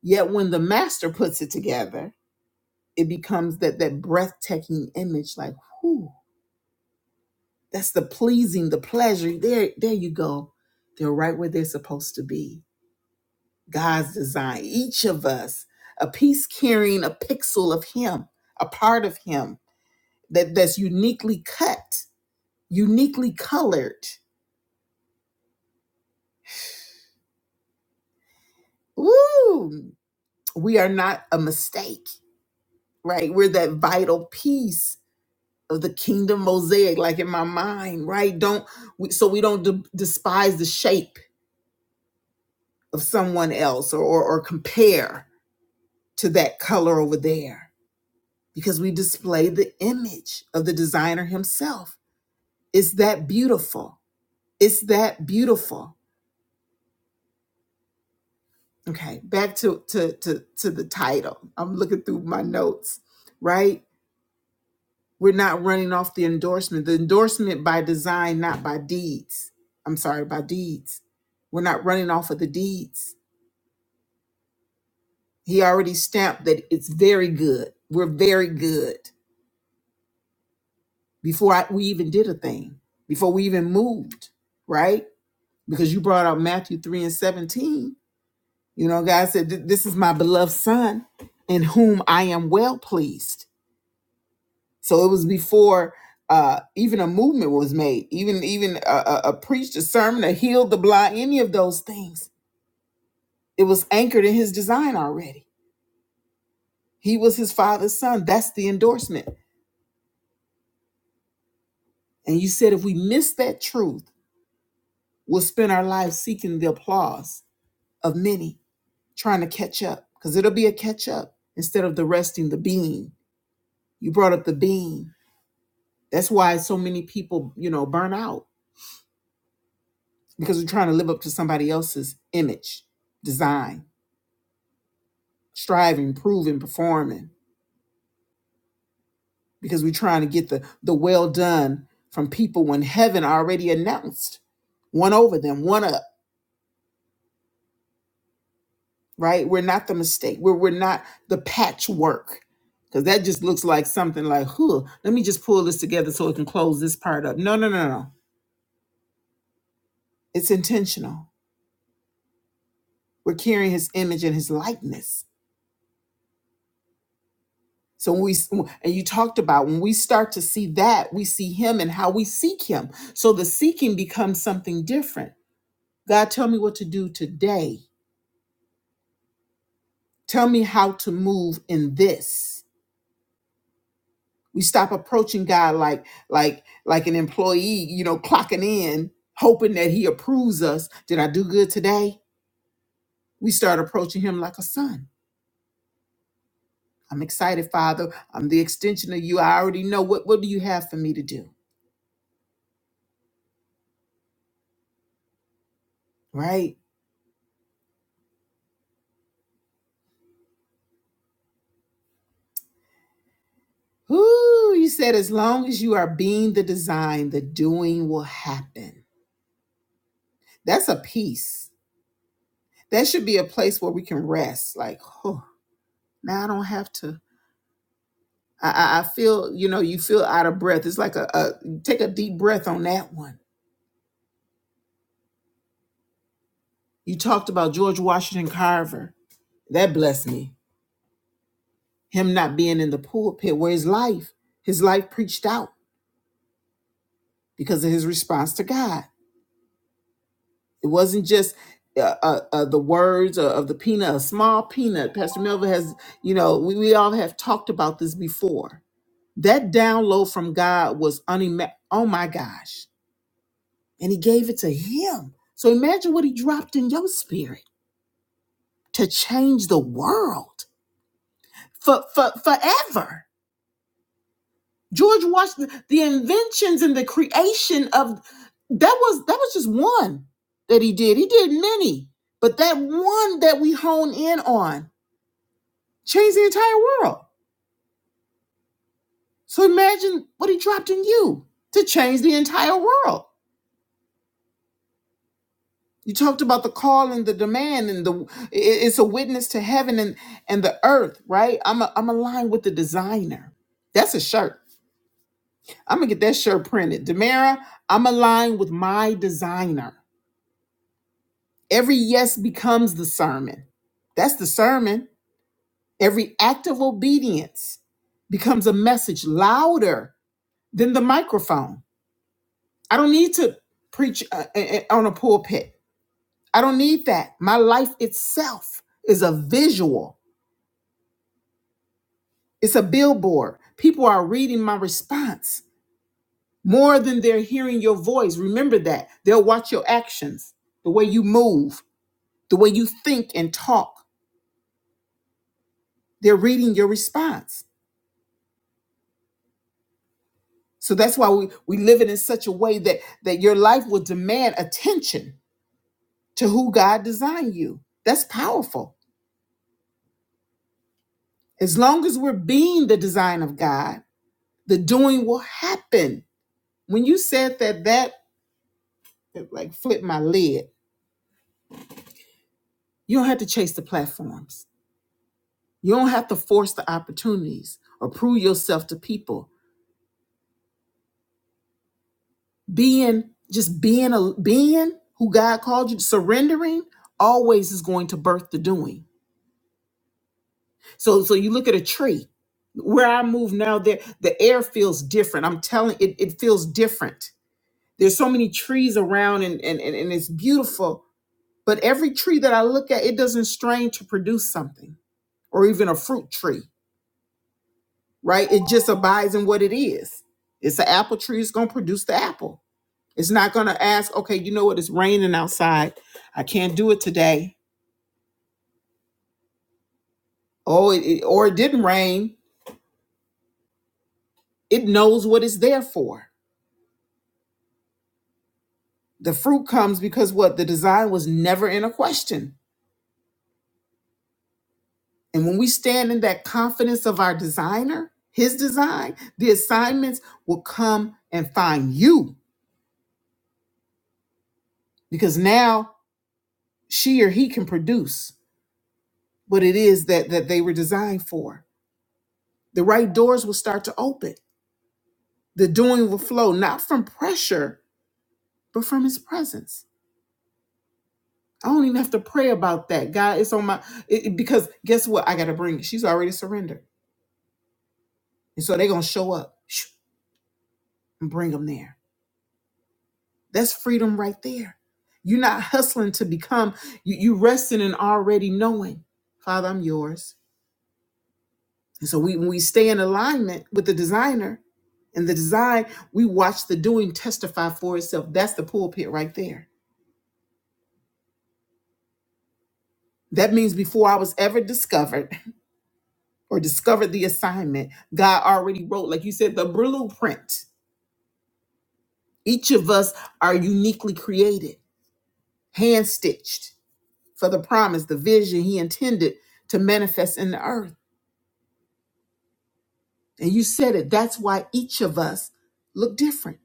Speaker 1: Yet when the master puts it together, it becomes that that breathtaking image, like, whoo, that's the pleasing, the pleasure. There, there you go. They're right where they're supposed to be. God's design. Each of us, a piece carrying a pixel of Him, a part of Him that, that's uniquely cut, uniquely colored. Woo! we are not a mistake, right? We're that vital piece of the kingdom mosaic, like in my mind, right? Don't we, so we don't de- despise the shape of someone else or, or or compare to that color over there because we display the image of the designer himself. It's that beautiful. It's that beautiful. Okay, back to to to to the title. I'm looking through my notes, right? We're not running off the endorsement. The endorsement by design, not by deeds. I'm sorry, by deeds. We're not running off of the deeds. He already stamped that it's very good. We're very good before I, we even did a thing, before we even moved, right? Because you brought out Matthew 3 and 17. You know, God said, "Th- This is my beloved son in whom I am well pleased So it was before uh, even a movement was made, even even a, a, a preached a sermon that healed the blind, any of those things. It was anchored in his design already. He was his father's son. That's the endorsement. And you said if we miss that truth, we'll spend our lives seeking the applause of many, trying to catch up, because it'll be a catch up instead of the resting the being. You brought up the being. That's why so many people, you know, burn out because we're trying to live up to somebody else's image, design striving, proving, performing, because we're trying to get the the well done from people when heaven already announced one over them, one up, right? We're not the mistake. We're we're not the patchwork. Because that just looks like something like, huh, let me just pull this together so it can close this part up. No, no, no, no. no. It's intentional. We're carrying his image and his likeness. So when we and you talked about when we start to see that, we see him and how we seek him. So the seeking becomes something different God, tell me what to do today. Tell me how to move in this. We stop approaching God like like like an employee, you know, clocking in, hoping that he approves us. Did I do good today? We start approaching him like a son. I'm excited, Father. I'm the extension of you. I already know what what do you have for me to do? Right? Whoo, you said as long as you are being the design, the doing will happen. That's a peace. That should be a place where we can rest. Like, oh. Now I don't have to. I, I I feel, you know, you feel out of breath. It's like a, a take a deep breath on that one. You talked about George Washington Carver. That blessed me. Him not being in the pulpit where his life, his life preached out because of his response to God. It wasn't just uh, uh, uh, the words of, of the peanut, a small peanut. Pastor Melville has, you know, we, we all have talked about this before. That download from God was unima. Oh my gosh and he gave it to him. So imagine what he dropped in your spirit to change the world for, for forever. George Washington, the inventions and the creation of that was that was just one that he did. He did many, but that one that we hone in on changed the entire world. So imagine what he dropped in you to change the entire world. You talked about the call and the demand, and the i- it's a witness to heaven and and the earth, right? I'm a, I'm aligned with the designer. That's a shirt. I'm gonna get that shirt printed. Damara, I'm aligned with my designer. Every yes becomes the sermon. That's the sermon. Every act of obedience becomes a message louder than the microphone. I don't need to preach uh, uh, uh, on a pulpit. I don't need that. My life itself is a visual. It's a billboard. People are reading my response more than they're hearing your voice. Remember that. They'll watch your actions, the way you move, the way you think and talk. They're reading your response. So that's why we, we live it in such a way that, that your life will demand attention to who God designed you. That's powerful. As long as we're being the design of God, the doing will happen. When you said that, that it, like flipped my lid. You don't have to chase the platforms. You don't have to force the opportunities or prove yourself to people. Being just being a being who God called you, surrendering always is going to birth the doing. So so you look at a tree. Where I move now, there the air feels different. I'm telling it, it feels different. There's so many trees around and, and, and, and it's beautiful. But every tree that I look at, it doesn't strain to produce something or even a fruit tree right? It just abides in what it is. It's an apple tree, it's gonna produce the apple. It's not gonna ask, okay, you know what, it's raining outside. I can't do it today. Oh, it, it- or it didn't rain. It knows what it's there for. The fruit comes because what the design was never in a question. And when we stand in that confidence of our designer, his design, the assignments will come and find you because now she or he can produce what it is that that they were designed for The right doors will start to open. The doing will flow, not from pressure, but from his presence. I don't even have to pray about that. God, it's on my it, it- because guess what? I gotta bring it. She's already surrendered. And so they're gonna show up shoo, and bring them there. That's freedom right there. You're not hustling to become, you, you resting and already knowing, Father, I'm yours. And so we when we stay in alignment with the designer and the design, we watch the doing testify for itself. That's the pulpit right there That means before I was ever discovered or discovered the assignment, God already wrote, like you said, the blueprint. Each of us are uniquely created, hand stitched for the promise, the vision He intended to manifest in the earth. And you said it. That's why each of us look different.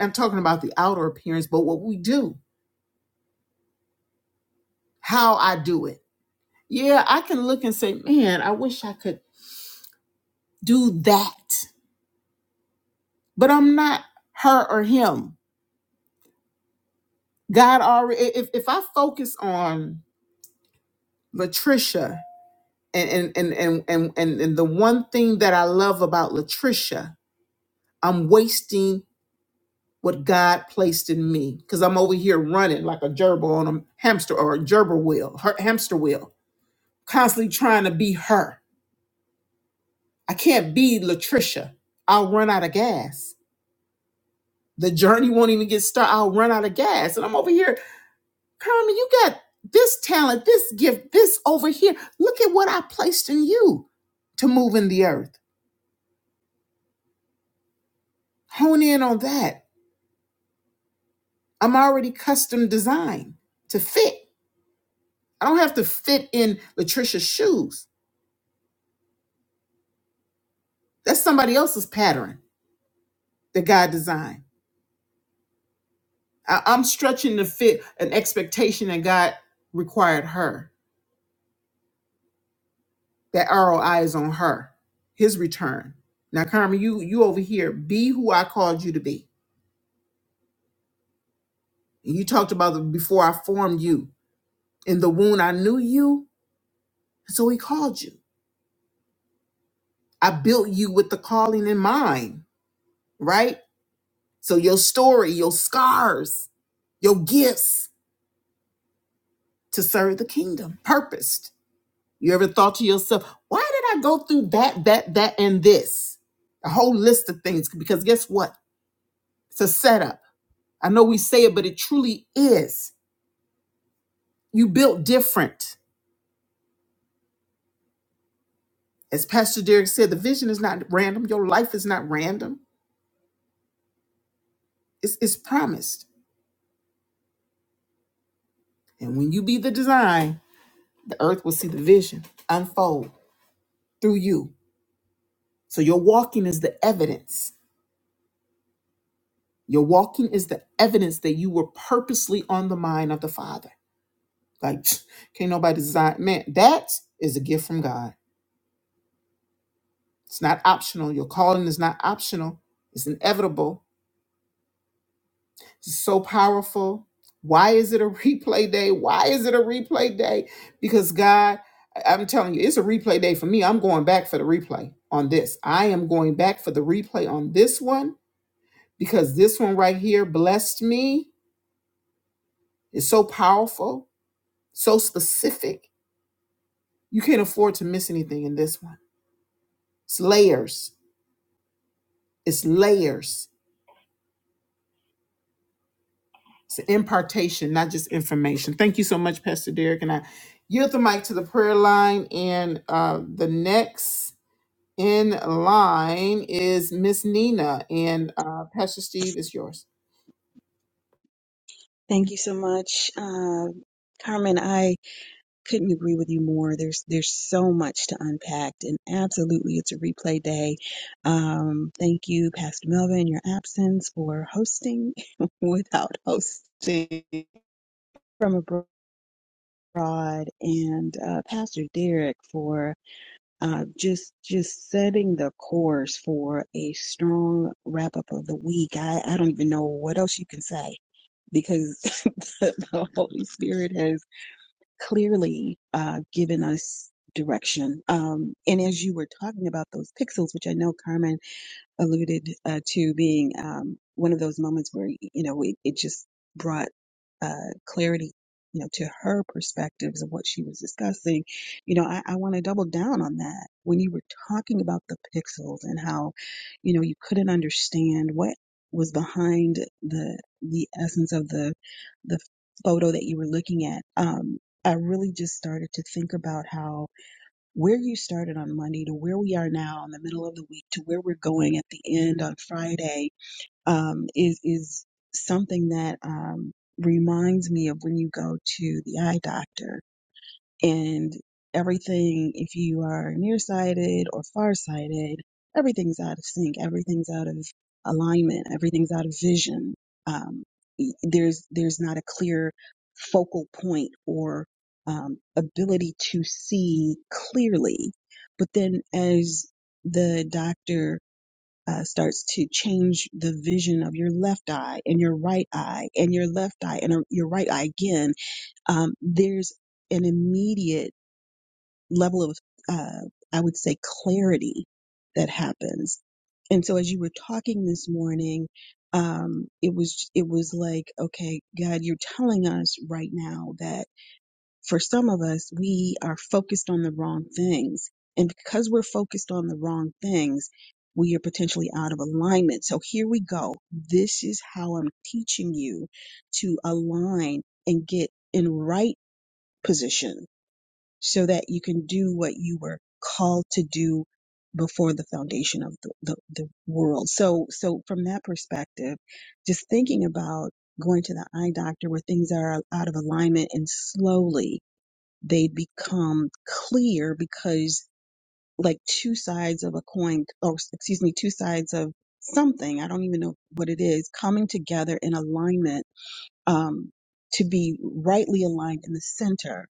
Speaker 1: I'm talking about the outer appearance, but what we do, how I do it. Yeah, I can look and say, man, I wish I could do that, but I'm not her or him. God already if if I focus on Latricia and and and and and, and, and the one thing that I love about Latricia, I'm wasting what God placed in me because I'm over here running like a gerbil on a hamster or a gerbil wheel, her hamster wheel, constantly trying to be her. I can't be Latricia. I'll run out of gas. The journey won't even get started. I'll run out of gas. And I'm over here Carmen, you got this talent, this gift, this over here. Look at what I placed in you to move in the earth. Hone in on that. I'm already custom designed to fit. I don't have to fit in Latricia's shoes. That's somebody else's pattern that God designed. I- I'm stretching to fit an expectation that God required her. That ROI is on her, his return. Now, Carmen, you you over here, be who I called you to be. And you talked about the before I formed you. In the wound, I knew you, so he called you. I built you with the calling in mind, right? So your story, your scars, your gifts to serve the kingdom, purposed. You ever thought to yourself, why did I go through that, that, that, and this? A whole list of things, because guess what? It's a setup. I know we say it, but it truly is. You built different. As Pastor Derek said, the vision is not random. Your life is not random. It's, it's promised. And when you be the design, the earth will see the vision unfold through you. So your walking is the evidence. Your walking is the evidence that you were purposely on the mind of the Father. Like, [sniffs] [tsk] can't nobody design. Man, that is a gift from God. It's not optional. Your calling is not optional, it's inevitable. so powerful. Why is it a [laughs] replay day? Why is it a replay day? Because God, I- I'm telling you, it's a replay day for me. I'm going back for the replay on this. I am going back for the replay on this one because this one right here blessed me. It's so powerful, so specific. You can't afford to miss anything in this one. It's layers. It's layers. It's an impartation, not just information. Thank you so much, Pastor Derek. And I yield the mic to the prayer line. And uh, the next in line is Miss Nina. And uh, Pastor Steve is yours.
Speaker 2: Thank you so much, uh, Carmen. I couldn't agree with you more. There's there's so much to unpack, and absolutely, it's a replay day. Um, thank you, Pastor Melvin, in your absence for hosting [laughs] without hosting from abroad, and uh, Pastor Derek for uh, just just setting the course for a strong wrap up of the week. I, I don't even know what else you can say because [laughs] the, the Holy Spirit has clearly uh, given us direction. Um, and as you were talking about those pixels, which I know Carmen alluded uh, to being um, one of those moments where you know it, it just brought uh, clarity you know to her perspectives of what she was discussing you know i, I want to double down on that when you were talking about the pixels and how you know you couldn't understand what was behind the the essence of the the photo that you were looking at um i really just started to think about how where you started on Monday to where we are now in the middle of the week to where we're going at the end on Friday um, is is something that um, reminds me of when you go to the eye doctor and everything if you are nearsighted or farsighted everything's out of sync everything's out of alignment everything's out of vision um, y- there's there's not a clear focal point or um, ability to see clearly but then as the doctor uh, starts to change the vision of your left eye and your right eye and your left eye and uh, your right eye again um, there's an immediate level of, uh, I would say, clarity that happens. And so, as you were talking this morning, um, it was it was like, okay, God, you're telling us right now that for some of us, we are focused on the wrong things, and because we're focused on the wrong things, we are potentially out of alignment. So here we go. This is how I'm teaching you to align and get in right position so that you can do what you were called to do before the foundation of the, the, the world. So, so from that perspective, just thinking about going to the eye doctor where things are out of alignment and slowly they become clear because like two sides of a coin, or excuse me, two sides of something, I don't even know what it is, coming together in alignment um, to be rightly aligned in the center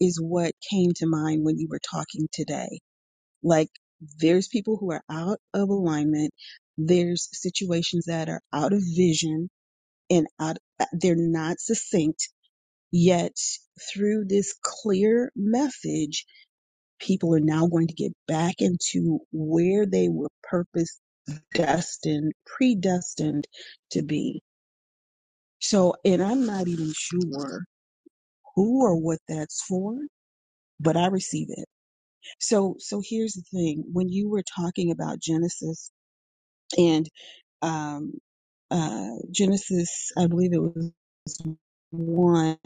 Speaker 2: is what came to mind when you were talking today. Like, there's people who are out of alignment. There's situations that are out of vision and out, they're not succinct. Yet through this clear message, people are now going to get back into where they were purpose destined, predestined to be. So, and I'm not even sure who or what that's for, but I receive it. So, so here's the thing: when you were talking about Genesis and um, uh, Genesis, I believe it was one,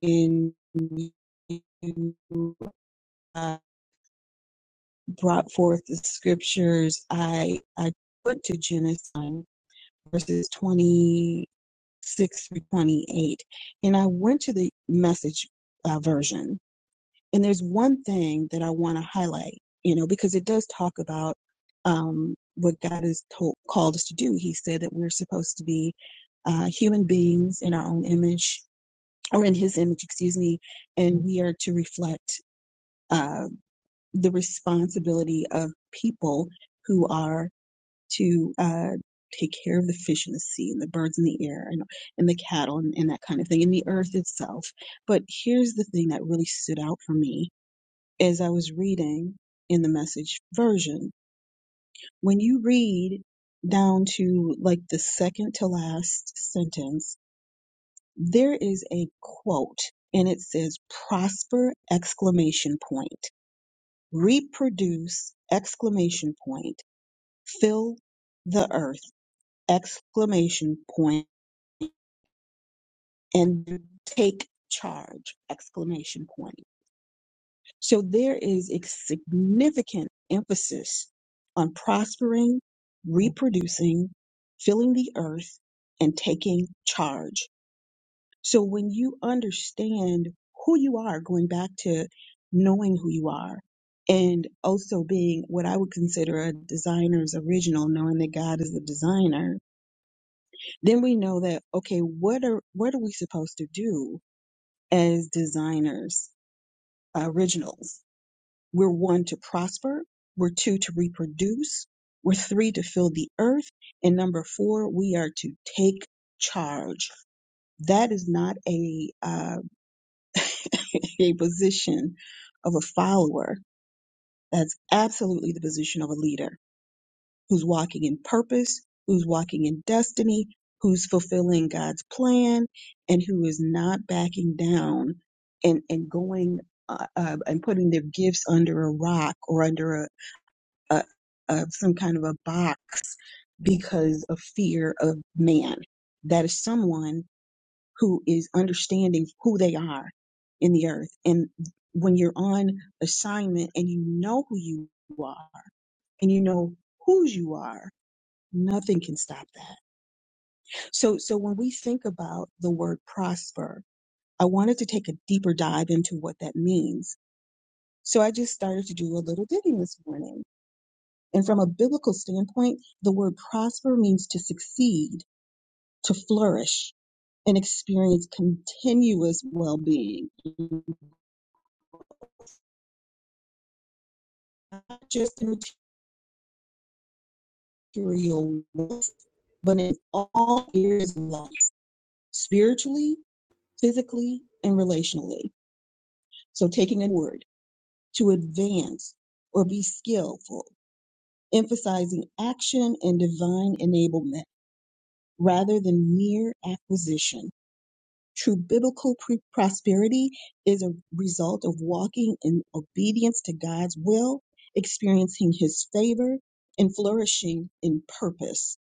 Speaker 2: in you uh, brought forth the scriptures. I I went to Genesis verses twenty six through twenty eight, and I went to the message uh, version And there's one thing that I want to highlight, you know, because it does talk about um, what God has told, called us to do. He said that we're supposed to be uh, human beings in our own image, or in His image, excuse me, and we are to reflect uh, the responsibility of people who are to uh, take care of the fish in the sea and the birds in the air and, and the cattle and, and that kind of thing, and the earth itself. But here's the thing that really stood out for me as I was reading in the message version. When you read down to like the second to last sentence, there is a quote and it says prosper exclamation point, reproduce exclamation point, fill the earth exclamation point, and take charge exclamation point. So there is a significant emphasis on prospering, reproducing, filling the earth, and taking charge. So when you understand who you are, going back to knowing who you are, and also being what I would consider a designer's original, knowing that God is the designer, then we know that, okay, what are, what are we supposed to do as designers, uh, originals? We're one to prosper. We're two to reproduce. We're three to fill the earth. And number four, we are to take charge. That is not a, uh, [laughs] a position of a follower. That's absolutely the position of a leader who's walking in purpose, who's walking in destiny, who's fulfilling God's plan, and who is not backing down and, and going uh, uh, and putting their gifts under a rock or under a, a some kind of a box because of fear of man. That is someone who is understanding who they are in the earth. And when you're on assignment and you know who you are and you know whose you are, nothing can stop that. So so when we think about the word prosper, I wanted to take a deeper dive into what that means. So I just started to do a little digging this morning And from a biblical standpoint, the word prosper means to succeed, to flourish, and experience continuous well being, not just in material wealth, but in all areas of life, spiritually, physically, and relationally. So, taking a word to advance or be skillful, emphasizing action and divine enablement rather than mere acquisition. True biblical pre- prosperity is a result of walking in obedience to God's will, experiencing His favor, and flourishing in purpose.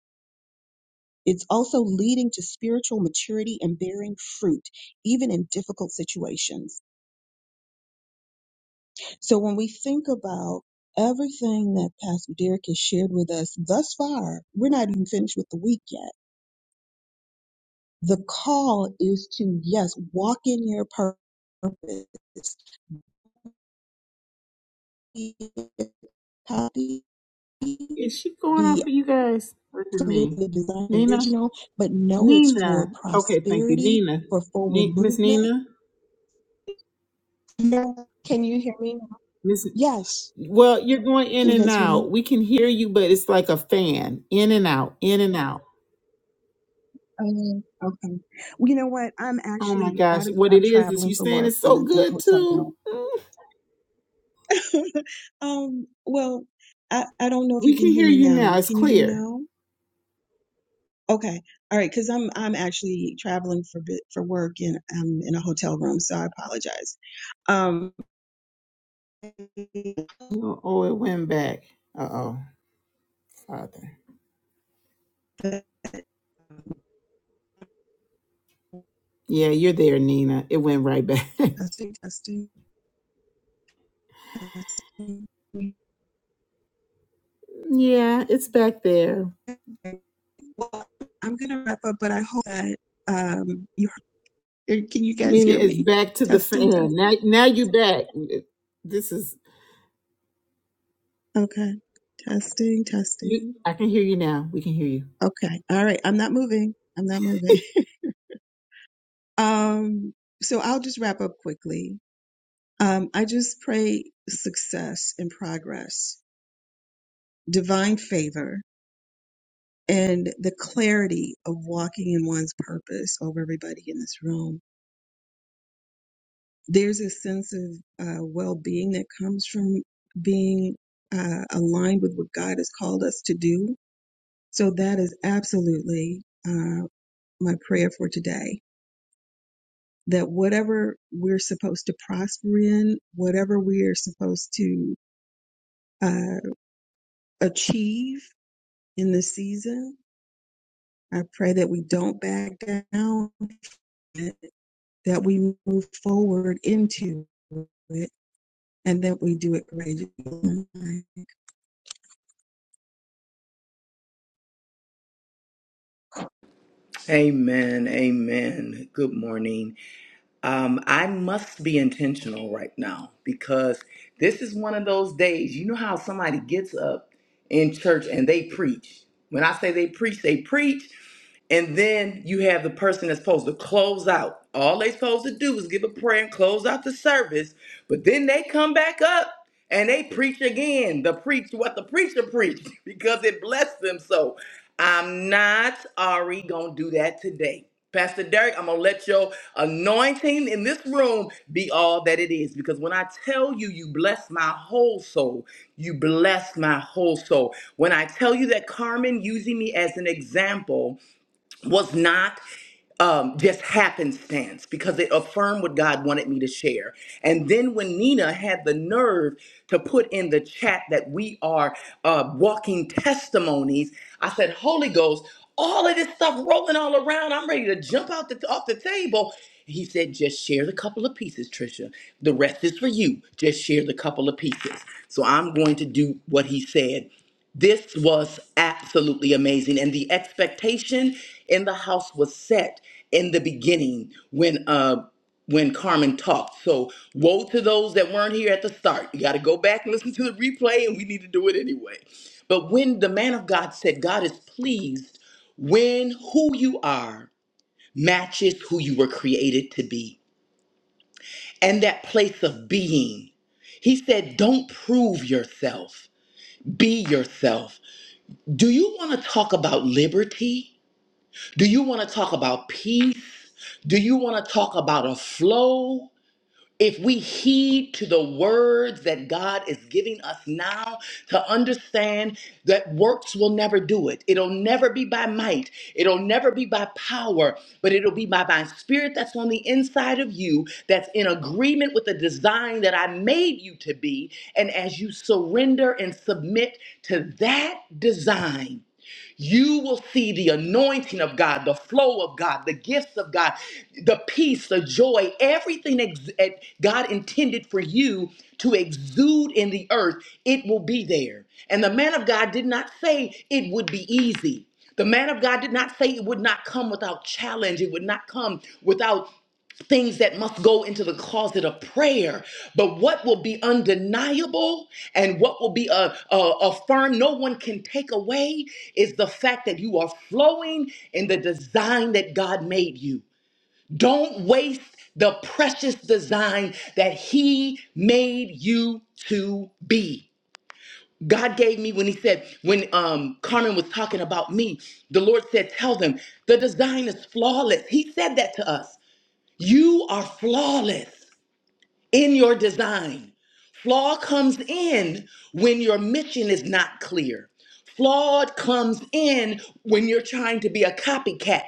Speaker 2: It's also leading to spiritual maturity and bearing fruit, even in difficult situations. So when we think about everything that Pastor Derek has shared with us thus far, we're not even finished with the week yet. The call is to, yes, walk in your purpose be copy,
Speaker 1: Is she going off
Speaker 2: be
Speaker 1: of you guys? Look at me.
Speaker 2: absolutely design
Speaker 1: Nina?
Speaker 2: original, but no, it's for
Speaker 1: Nina. Okay, thank you.
Speaker 2: prosperity,
Speaker 1: Nina.
Speaker 2: for forward
Speaker 1: Ne- Miss
Speaker 2: movement.
Speaker 1: Nina?
Speaker 2: No, Can you hear me?
Speaker 1: Miss
Speaker 2: Yes.
Speaker 1: Well, you're going in
Speaker 2: Can you
Speaker 1: and
Speaker 2: guys hear me?
Speaker 1: out. We can hear you, but it's like a fan, in and out, in and out.
Speaker 2: Um, okay. Well, you know what? I'm
Speaker 1: Oh my
Speaker 2: actually
Speaker 1: gosh,
Speaker 2: out of,
Speaker 1: what
Speaker 2: I'm
Speaker 1: it is is you
Speaker 2: traveling for
Speaker 1: saying
Speaker 2: work
Speaker 1: it's
Speaker 2: and
Speaker 1: so
Speaker 2: I'm in a
Speaker 1: good
Speaker 2: hotel
Speaker 1: too.
Speaker 2: room.
Speaker 1: Mm.
Speaker 2: [laughs] um, well, I, I don't know if you
Speaker 1: We
Speaker 2: can
Speaker 1: can
Speaker 2: hear
Speaker 1: hear
Speaker 2: me
Speaker 1: you now.
Speaker 2: now.
Speaker 1: It's
Speaker 2: Can you hear me
Speaker 1: clear.
Speaker 2: now? Okay. All right. Cause I'm, I'm actually traveling for bit for work and I'm in a hotel room. So I apologize. Um,
Speaker 1: Oh, oh, it went back. Uh oh, Father. Yeah, you're there, Nina. It went right back.
Speaker 2: testing, testing, testing.
Speaker 1: [laughs] yeah, it's back there.
Speaker 2: Well, I'm going to wrap up, but I hope that, um, you, can you guys
Speaker 1: Meaning
Speaker 2: hear
Speaker 1: it's
Speaker 2: me?
Speaker 1: back to the
Speaker 2: Testing, testing.
Speaker 1: fan. Now, now you back. This is
Speaker 2: Okay. Testing,
Speaker 1: you.
Speaker 2: testing.
Speaker 1: I can hear you now. We can hear you.
Speaker 2: Okay. All right. I'm not moving. I'm not moving. [laughs] Um, so I'll just wrap up quickly. Um, I just pray success and progress, divine favor, and the clarity of walking in one's purpose over everybody in this room. There's a sense of uh, well being that comes from being uh, aligned with what God has called us to do. So, that is absolutely uh, my prayer for today that whatever we're supposed to prosper in, whatever we are supposed to uh, achieve in this season, I pray that we don't back down, that we move forward into it, and that we do it courageously.
Speaker 5: Amen. Amen. Good morning. Um, I must be intentional right now because this is one of those days. You know how somebody gets up in church and they preach. When I say they preach, they preach. And then you have the person that's supposed to close out. All they supposed to do is give a prayer and close out the service, but then they come back up and they preach again. The preach what the preacher preached [laughs] because it blessed them. So I'm not Ari gonna do that today. Pastor Derek, I'm gonna let your anointing in this room be all that it is. Because when I tell you, you bless my whole soul, you bless my whole soul. When I tell you that Carmen using me as an example was not um, just happenstance because it affirmed what God wanted me to share. And then when Nina had the nerve to put in the chat that we are uh, walking testimonies, I said, Holy Ghost, all of this stuff rolling all around, I'm ready to jump out the, off the table. He said, just share the couple of pieces, Trisha. The rest is for you. Just share the couple of pieces. So I'm going to do what he said. This was absolutely amazing. And the expectation in the house was set in the beginning when uh when Carmen talked. So woe to those that weren't here at the start. You gotta go back and listen to the replay, and we need to do it anyway. But when the man of God said God is pleased when who you are matches who you were created to be and that place of being. He said, Don't prove yourself, be yourself. Do you want to talk about liberty? Do you want to talk about peace? Do you want to talk about a flow? If we heed to the words that God is giving us now to understand that works will never do it, it'll never be by might, it'll never be by power, but it'll be by my spirit that's on the inside of you that's in agreement with the design that I made you to be. And as you surrender and submit to that design, you will see the anointing of God, the flow of God, the gifts of God, the peace, the joy, everything ex- that God intended for you to exude in the earth. It will be there. And the man of God did not say it would be easy. The man of God did not say it would not come without challenge. It would not come without things that must go into the closet of prayer. But what will be undeniable and what will be uh, uh, affirmed, no one can take away, is the fact that you are flowing in the design that God made you. Don't waste the precious design that He made you to be. God gave me when He said, when um, Carmen was talking about me, the Lord said, Tell them the design is flawless. He said that to us. You are flawless in your design. Flaw comes in when your mission is not clear. Flawed comes in when you're trying to be a copycat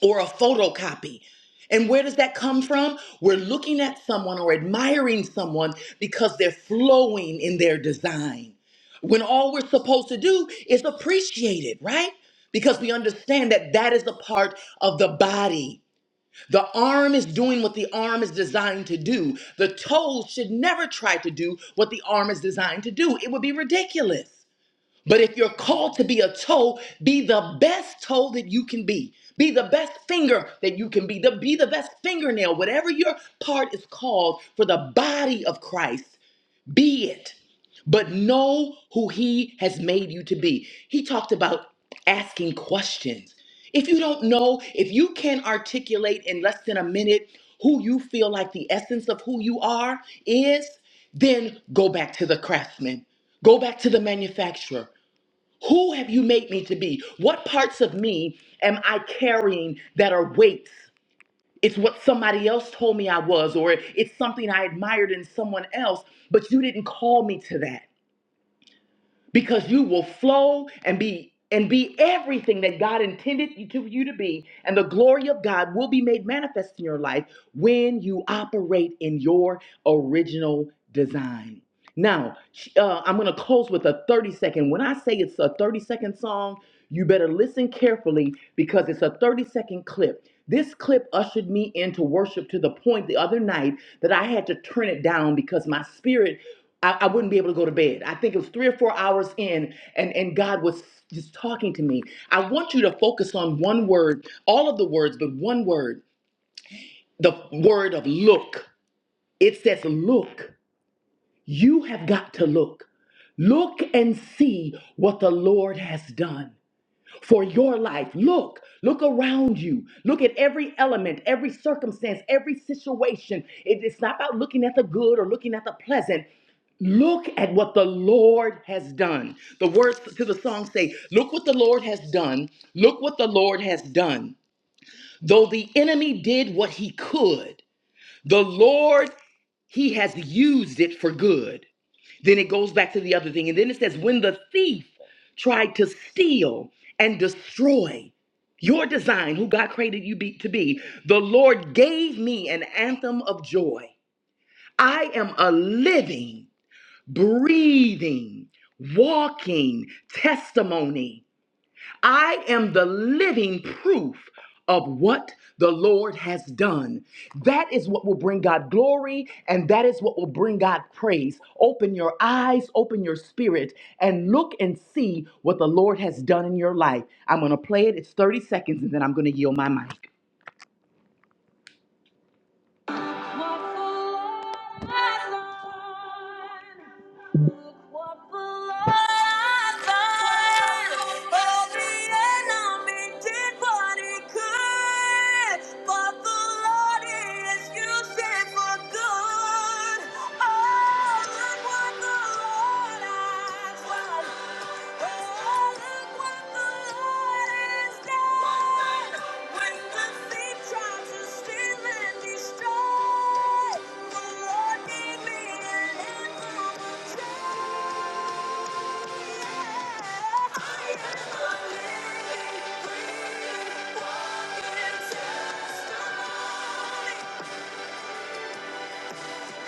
Speaker 5: or a photocopy. And where does that come from? We're looking at someone or admiring someone because they're flowing in their design. When all we're supposed to do is appreciate it, right? Because we understand that that is a part of the body the arm is doing what the arm is designed to do. The toe should never try to do what the arm is designed to do. It would be ridiculous. But if you're called to be a toe, be the best toe that you can be. Be the best finger that you can be. The, be the best fingernail, whatever your part is called for the body of Christ. Be it. But know who he has made you to be. He talked about asking questions. If you don't know, if you can't articulate in less than a minute who you feel like the essence of who you are is, then go back to the craftsman. Go back to the manufacturer. Who have you made me to be? What parts of me am I carrying that are weights? It's what somebody else told me I was, or it's something I admired in someone else, but you didn't call me to that because you will flow and be and be everything that God intended you to you to be, and the glory of God will be made manifest in your life when you operate in your original design. Now, uh, I'm going to close with a 30 second. When I say it's a 30 second song, you better listen carefully because it's a 30 second clip. This clip ushered me into worship to the point the other night that I had to turn it down because my spirit, I, I wouldn't be able to go to bed. I think it was three or four hours in, and, and God was just talking to me. I want you to focus on one word, all of the words, but one word, the word of look. It says look. You have got to look. Look and see what the Lord has done for your life. Look, look around you. Look at every element, every circumstance, every situation. It- it's not about looking at the good or looking at the pleasant. Look at what the Lord has done. The words to the song say, Look what the Lord has done. Look what the Lord has done. Though the enemy did what he could, the Lord, he has used it for good. Then it goes back to the other thing. And then it says, when the thief tried to steal and destroy your design, who God created you be, to be, the Lord gave me an anthem of joy. I am a living, breathing, walking testimony I am the living proof of what the Lord has done. That is what will bring God glory and that is what will bring God praise. Open your eyes, open your spirit, and look and see what the Lord has done in your life. I'm going to play it. It's 30 seconds and then I'm going to yield my mic. What the Lord has done. Look what the Lord has done. Oh, the enemy did what he could, but the Lord is using for good. Yeah.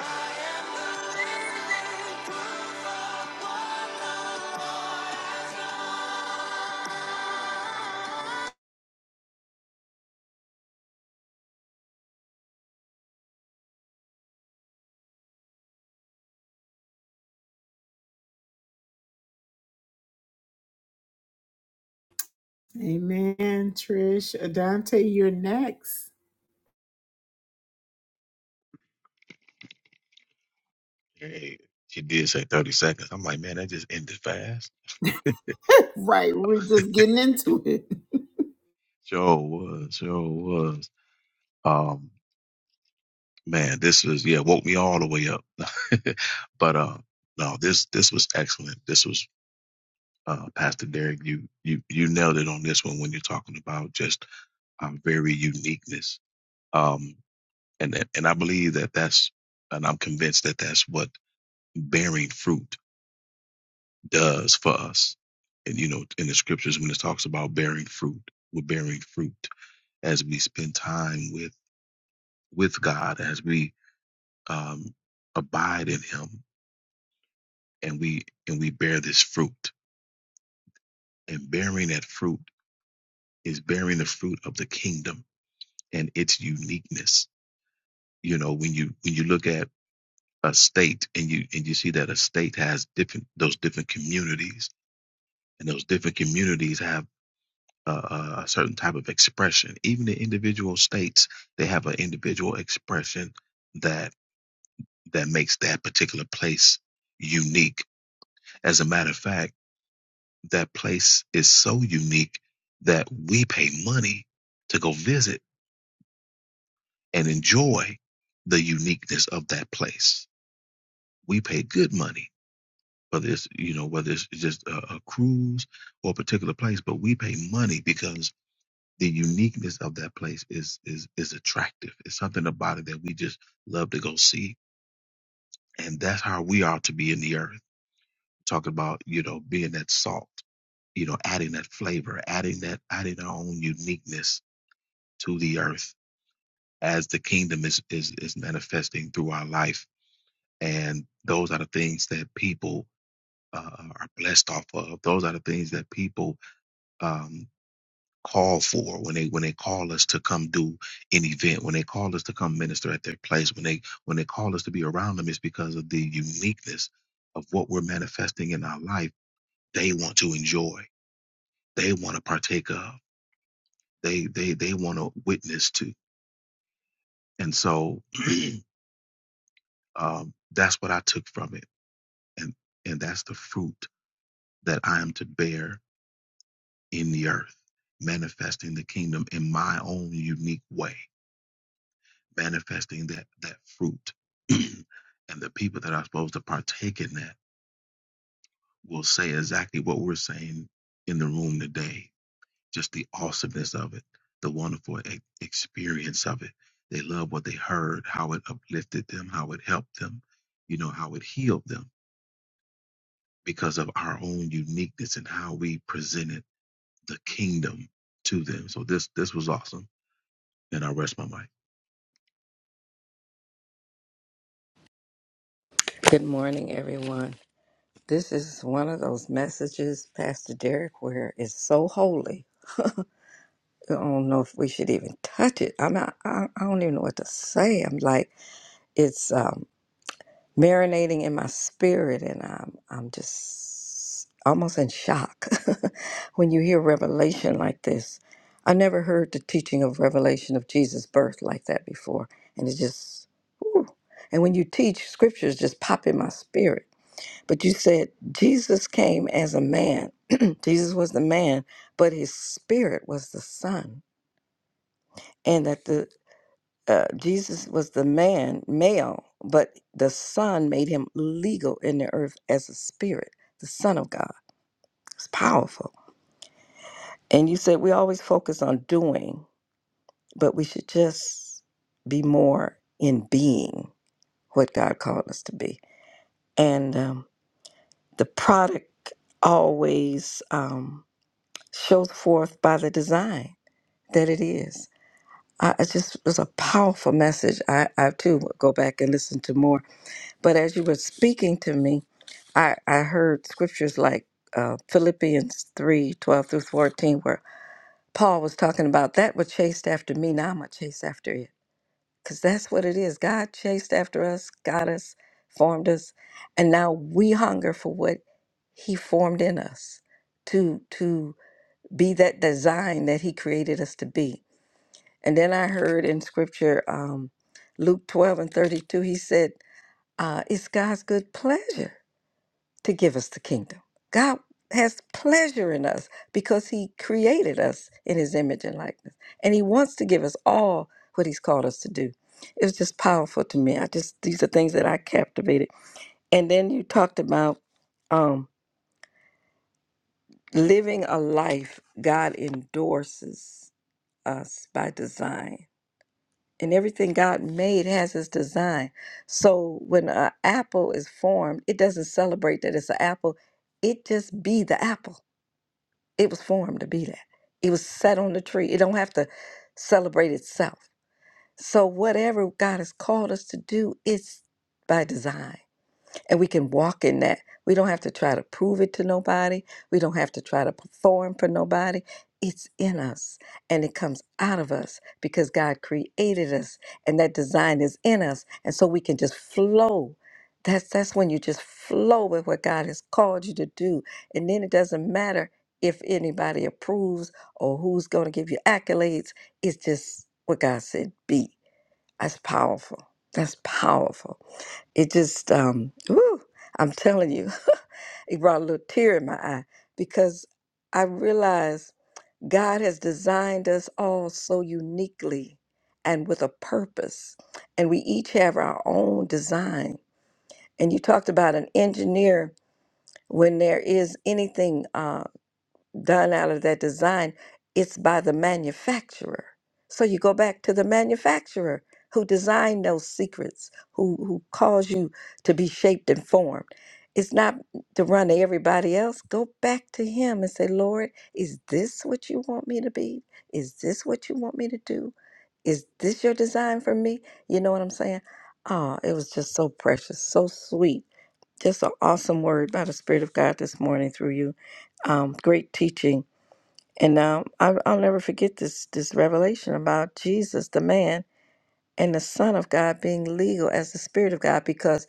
Speaker 5: I am the living proof of what love has done.
Speaker 1: Amen, Trish. Adante, you're next.
Speaker 6: Hey, she did say 30 seconds. I'm like, man, that just ended fast.
Speaker 1: Right, we're just
Speaker 6: [laughs]
Speaker 1: getting into it.
Speaker 6: Sure was. Sure was. Um, man, this was yeah, woke me all the way up. [laughs] but uh, no, this this was excellent. This was uh, Pastor Derek. You you you nailed it on this one when you're talking about just our very uniqueness. Um, and and and I believe that that's, and I'm convinced that that's what bearing fruit does for us. And you know, in the scriptures when it talks about bearing fruit, we're bearing fruit as we spend time with with God, as we um, abide in Him, and we and we bear this fruit. And bearing that fruit is bearing the fruit of the kingdom and its uniqueness. You know, when you when you look at a state and you and you see that a state has different those different communities, and those different communities have uh, a certain type of expression. Even the individual states, they have an individual expression that that makes that particular place unique. As a matter of fact, that place is so unique that we pay money to go visit and enjoy the uniqueness of that place. We pay good money. Whether it's you know whether it's just a, a cruise or a particular place, but we pay money because the uniqueness of that place is is is attractive. It's something about it that we just love to go see, and that's how we are to be in the earth. Talking about you know being that salt, you know, adding that flavor, adding that adding our own uniqueness to the earth as the kingdom is is is manifesting through our life, and those are the things that people uh, are blessed off of. Those are the things that people. um, call for when they when they call us to come do an event when they call us to come minister at their place when they when they call us to be around them it's because of the uniqueness of what we're manifesting in our life they want to enjoy they want to partake of they they they want to witness to and so [clears throat] um, that's what i took from it and and that's the fruit that i am to bear in the earth manifesting the kingdom in my own unique way manifesting that that fruit [clears throat] and the people that are supposed to partake in that will say exactly what we're saying in the room today just the awesomeness of it the wonderful e- experience of it they love what they heard how it uplifted them how it helped them you know how it healed them because of our own uniqueness and how we presented the kingdom to them so this this was awesome and i rest my mic
Speaker 3: Good morning, everyone. This is one of those messages, Pastor Derek, where it's so holy. I don't know if we should even touch it. I'm not, I, I don't even know what to say. I'm like, it's um, marinating in my spirit, and I'm, I'm just almost in shock [laughs] when you hear revelation like this. I never heard the teaching of revelation of Jesus' birth like that before, and it just, whew. and when you teach, scriptures just pop in my spirit But you said Jesus came as a man. [clears throat] Jesus was the man, but his spirit was the son, and that the uh, Jesus was the man, male, but the son made him legal in the earth as a spirit, the son of God. It's powerful. And you said we always focus on doing, but we should just be more in being what God called us to be. And um, the product always. Um, shows forth by the design that it is. I, it just was a powerful message. I, I too would go back and listen to more. But as you were speaking to me, I, I heard scriptures like uh, Philippians 3 12 through 14, where Paul was talking about that was chased after me. Now I'm going to chase after it. Because that's what it is. God chased after us, got us, formed us. And now we hunger for what he formed in us to, to, be that design that he created us to be. And then I heard in scripture, um, Luke 12 and 32, he said, uh, It's God's good pleasure to give us the kingdom. God has pleasure in us because he created us in his image and likeness. And he wants to give us all what he's called us to do. It was just powerful to me. I just, these are things that I captivated. And then you talked about um, living a life God endorses us by design. And everything God made has its design. So when an apple is formed, it doesn't celebrate that it's an apple. It just be the apple. It was formed to be that. It was set on the tree. It don't have to celebrate itself. So whatever God has called us to do, it's by design and we can walk in that. We don't have to try to prove it to nobody. We don't have to try to perform for nobody. It's in us and it comes out of us because God created us and that design is in us. And so we can just flow. That's that's when you just flow with what God has called you to do. And then it doesn't matter if anybody approves or who's going to give you accolades. It's just what God said be. That's powerful. That's powerful it just um whew, i'm telling you [laughs] it brought a little tear in my eye because i realized god has designed us all so uniquely and with a purpose and we each have our own design and you talked about an engineer when there is anything uh, done out of that design, it's by the manufacturer. So you go back to the manufacturer who designed those secrets, who who caused you to be shaped and formed. It's not to run to everybody else. Go back to him and say, Lord, is this what you want me to be? Is this what you want me to do? Is this your design for me? You know what I'm saying? Oh, it was just so precious, so sweet just an awesome word by the Spirit of God this morning through you. Um, great teaching, and um, I, I'll never forget this this revelation about Jesus, the man and the Son of God, being legal as the Spirit of God, because,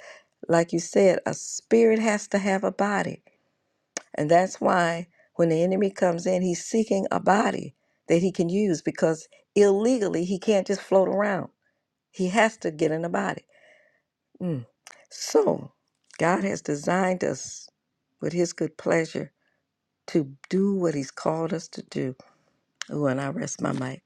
Speaker 3: like you said, a spirit has to have a body, and that's why when the enemy comes in, he's seeking a body that he can use because illegally he can't just float around. He has to get in a body. Mm. So, God has designed us with His good pleasure to do what He's called us to do. Ooh, and I rest my mic.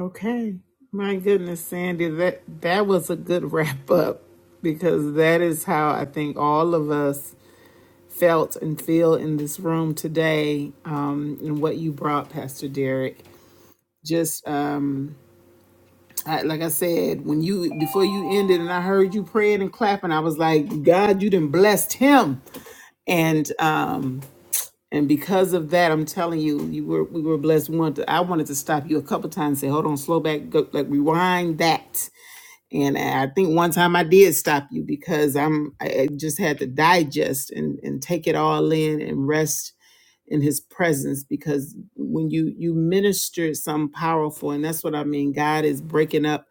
Speaker 1: Okay. My goodness, Sandy, that that was a good wrap up because that is how I think all of us felt and feel in this room today um, and what you brought, Pastor Derek. Just um, I, like I said, when you before you ended and I heard you praying and clapping, I was like, God, you done blessed him. And um, and because of that, I'm telling you, you were we were blessed. We wanted to, I wanted to stop you a couple times, and say, hold on, slow back, go, like rewind that. And I think one time I did stop you because I'm I I just had to digest and and take it all in and rest in his presence because when you you minister something powerful and that's what i mean god is breaking up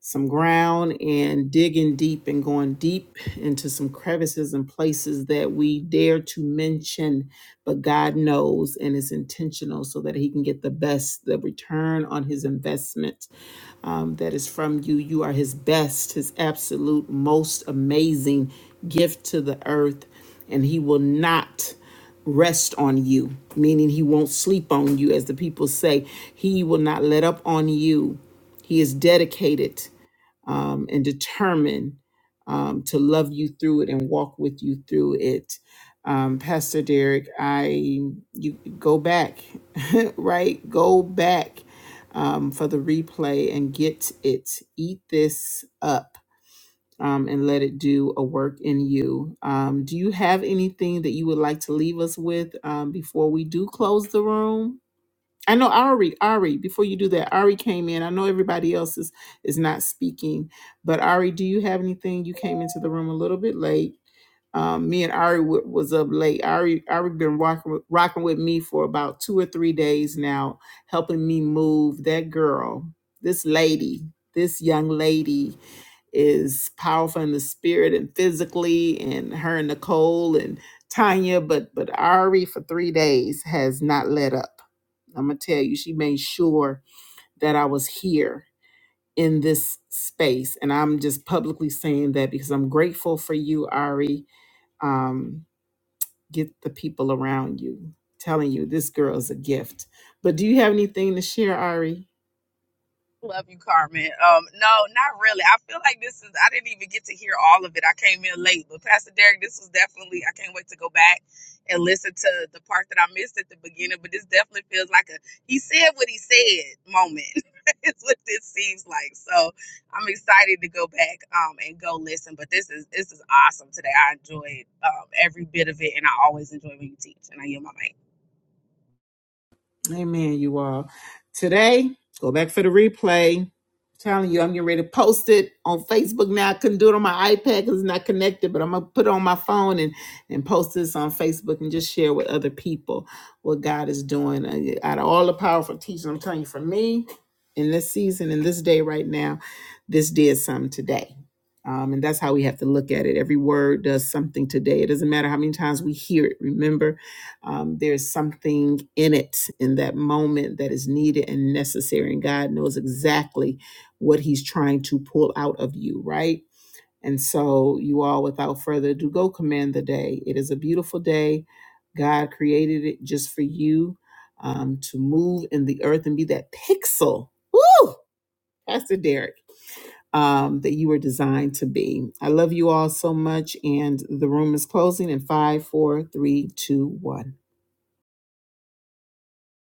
Speaker 1: some ground and digging deep and going deep into some crevices and places that we dare to mention but god knows and is intentional so that he can get the best the return on his investment um, that is from you you are his best his absolute most amazing gift to the earth and he will not rest on you, meaning he won't sleep on you, as the people say. He will not let up on you. He is dedicated um, and determined um, to love you through it and walk with you through it. Um, Pastor Derek, I you go back, [laughs] right? Go back um, for the replay and get it. Eat this up um, and let it do a work in you. Um, do you have anything that you would like to leave us with um, before we do close the room? I know Ari, Ari, before you do that, Ari came in. I know everybody else is is not speaking, but Ari, do you have anything? You came into the room a little bit late. Um, me and Ari w- was up late. Ari Ari been rocking with, rocking with me for about two or three days now, helping me move. That girl, this lady, this young lady is powerful in the spirit and physically, and her and Nicole and Tanya, but but Ari for three days has not let up. I'm gonna tell you, she made sure that I was here in this space, and I'm just publicly saying that because I'm grateful for you, Ari um, get the people around you telling you this girl is a gift. But do you have anything to share, Ari?
Speaker 7: Love you, Carmen. Um, no, not really. I feel like this is I didn't even get to hear all of it. I came in late, but Pastor Derek, this was definitely I can't wait to go back and listen to the part that I missed at the beginning, but this definitely feels like a he said what he said moment. [laughs] it's what this seems like. So I'm excited to go back um and go listen. But this is this is awesome today. I enjoyed um every bit of it and I always enjoy when you teach and I yield my mic.
Speaker 1: Amen, you all. Today, go back for the replay. I'm telling you, I'm getting ready to post it on Facebook now. I couldn't do it on my iPad because it's not connected, but I'm gonna put it on my phone and and post this on Facebook and just share with other people what God is doing. Uh, yeah, Out of all the powerful teaching, I'm telling you, for me in this season, in this day right now, this did something today. Um, and that's how we have to look at it. Every word does something today. It doesn't matter how many times we hear it. Remember, um, there's something in it in that moment that is needed and necessary and god knows exactly what he's trying to pull out of you right and so you all without further ado go command the day it is a beautiful day god created it just for you um, to move in the earth and be that pixel Woo! pastor derek um, that you were designed to be. I love you all so much, and the room is closing in five, four, three, two, one.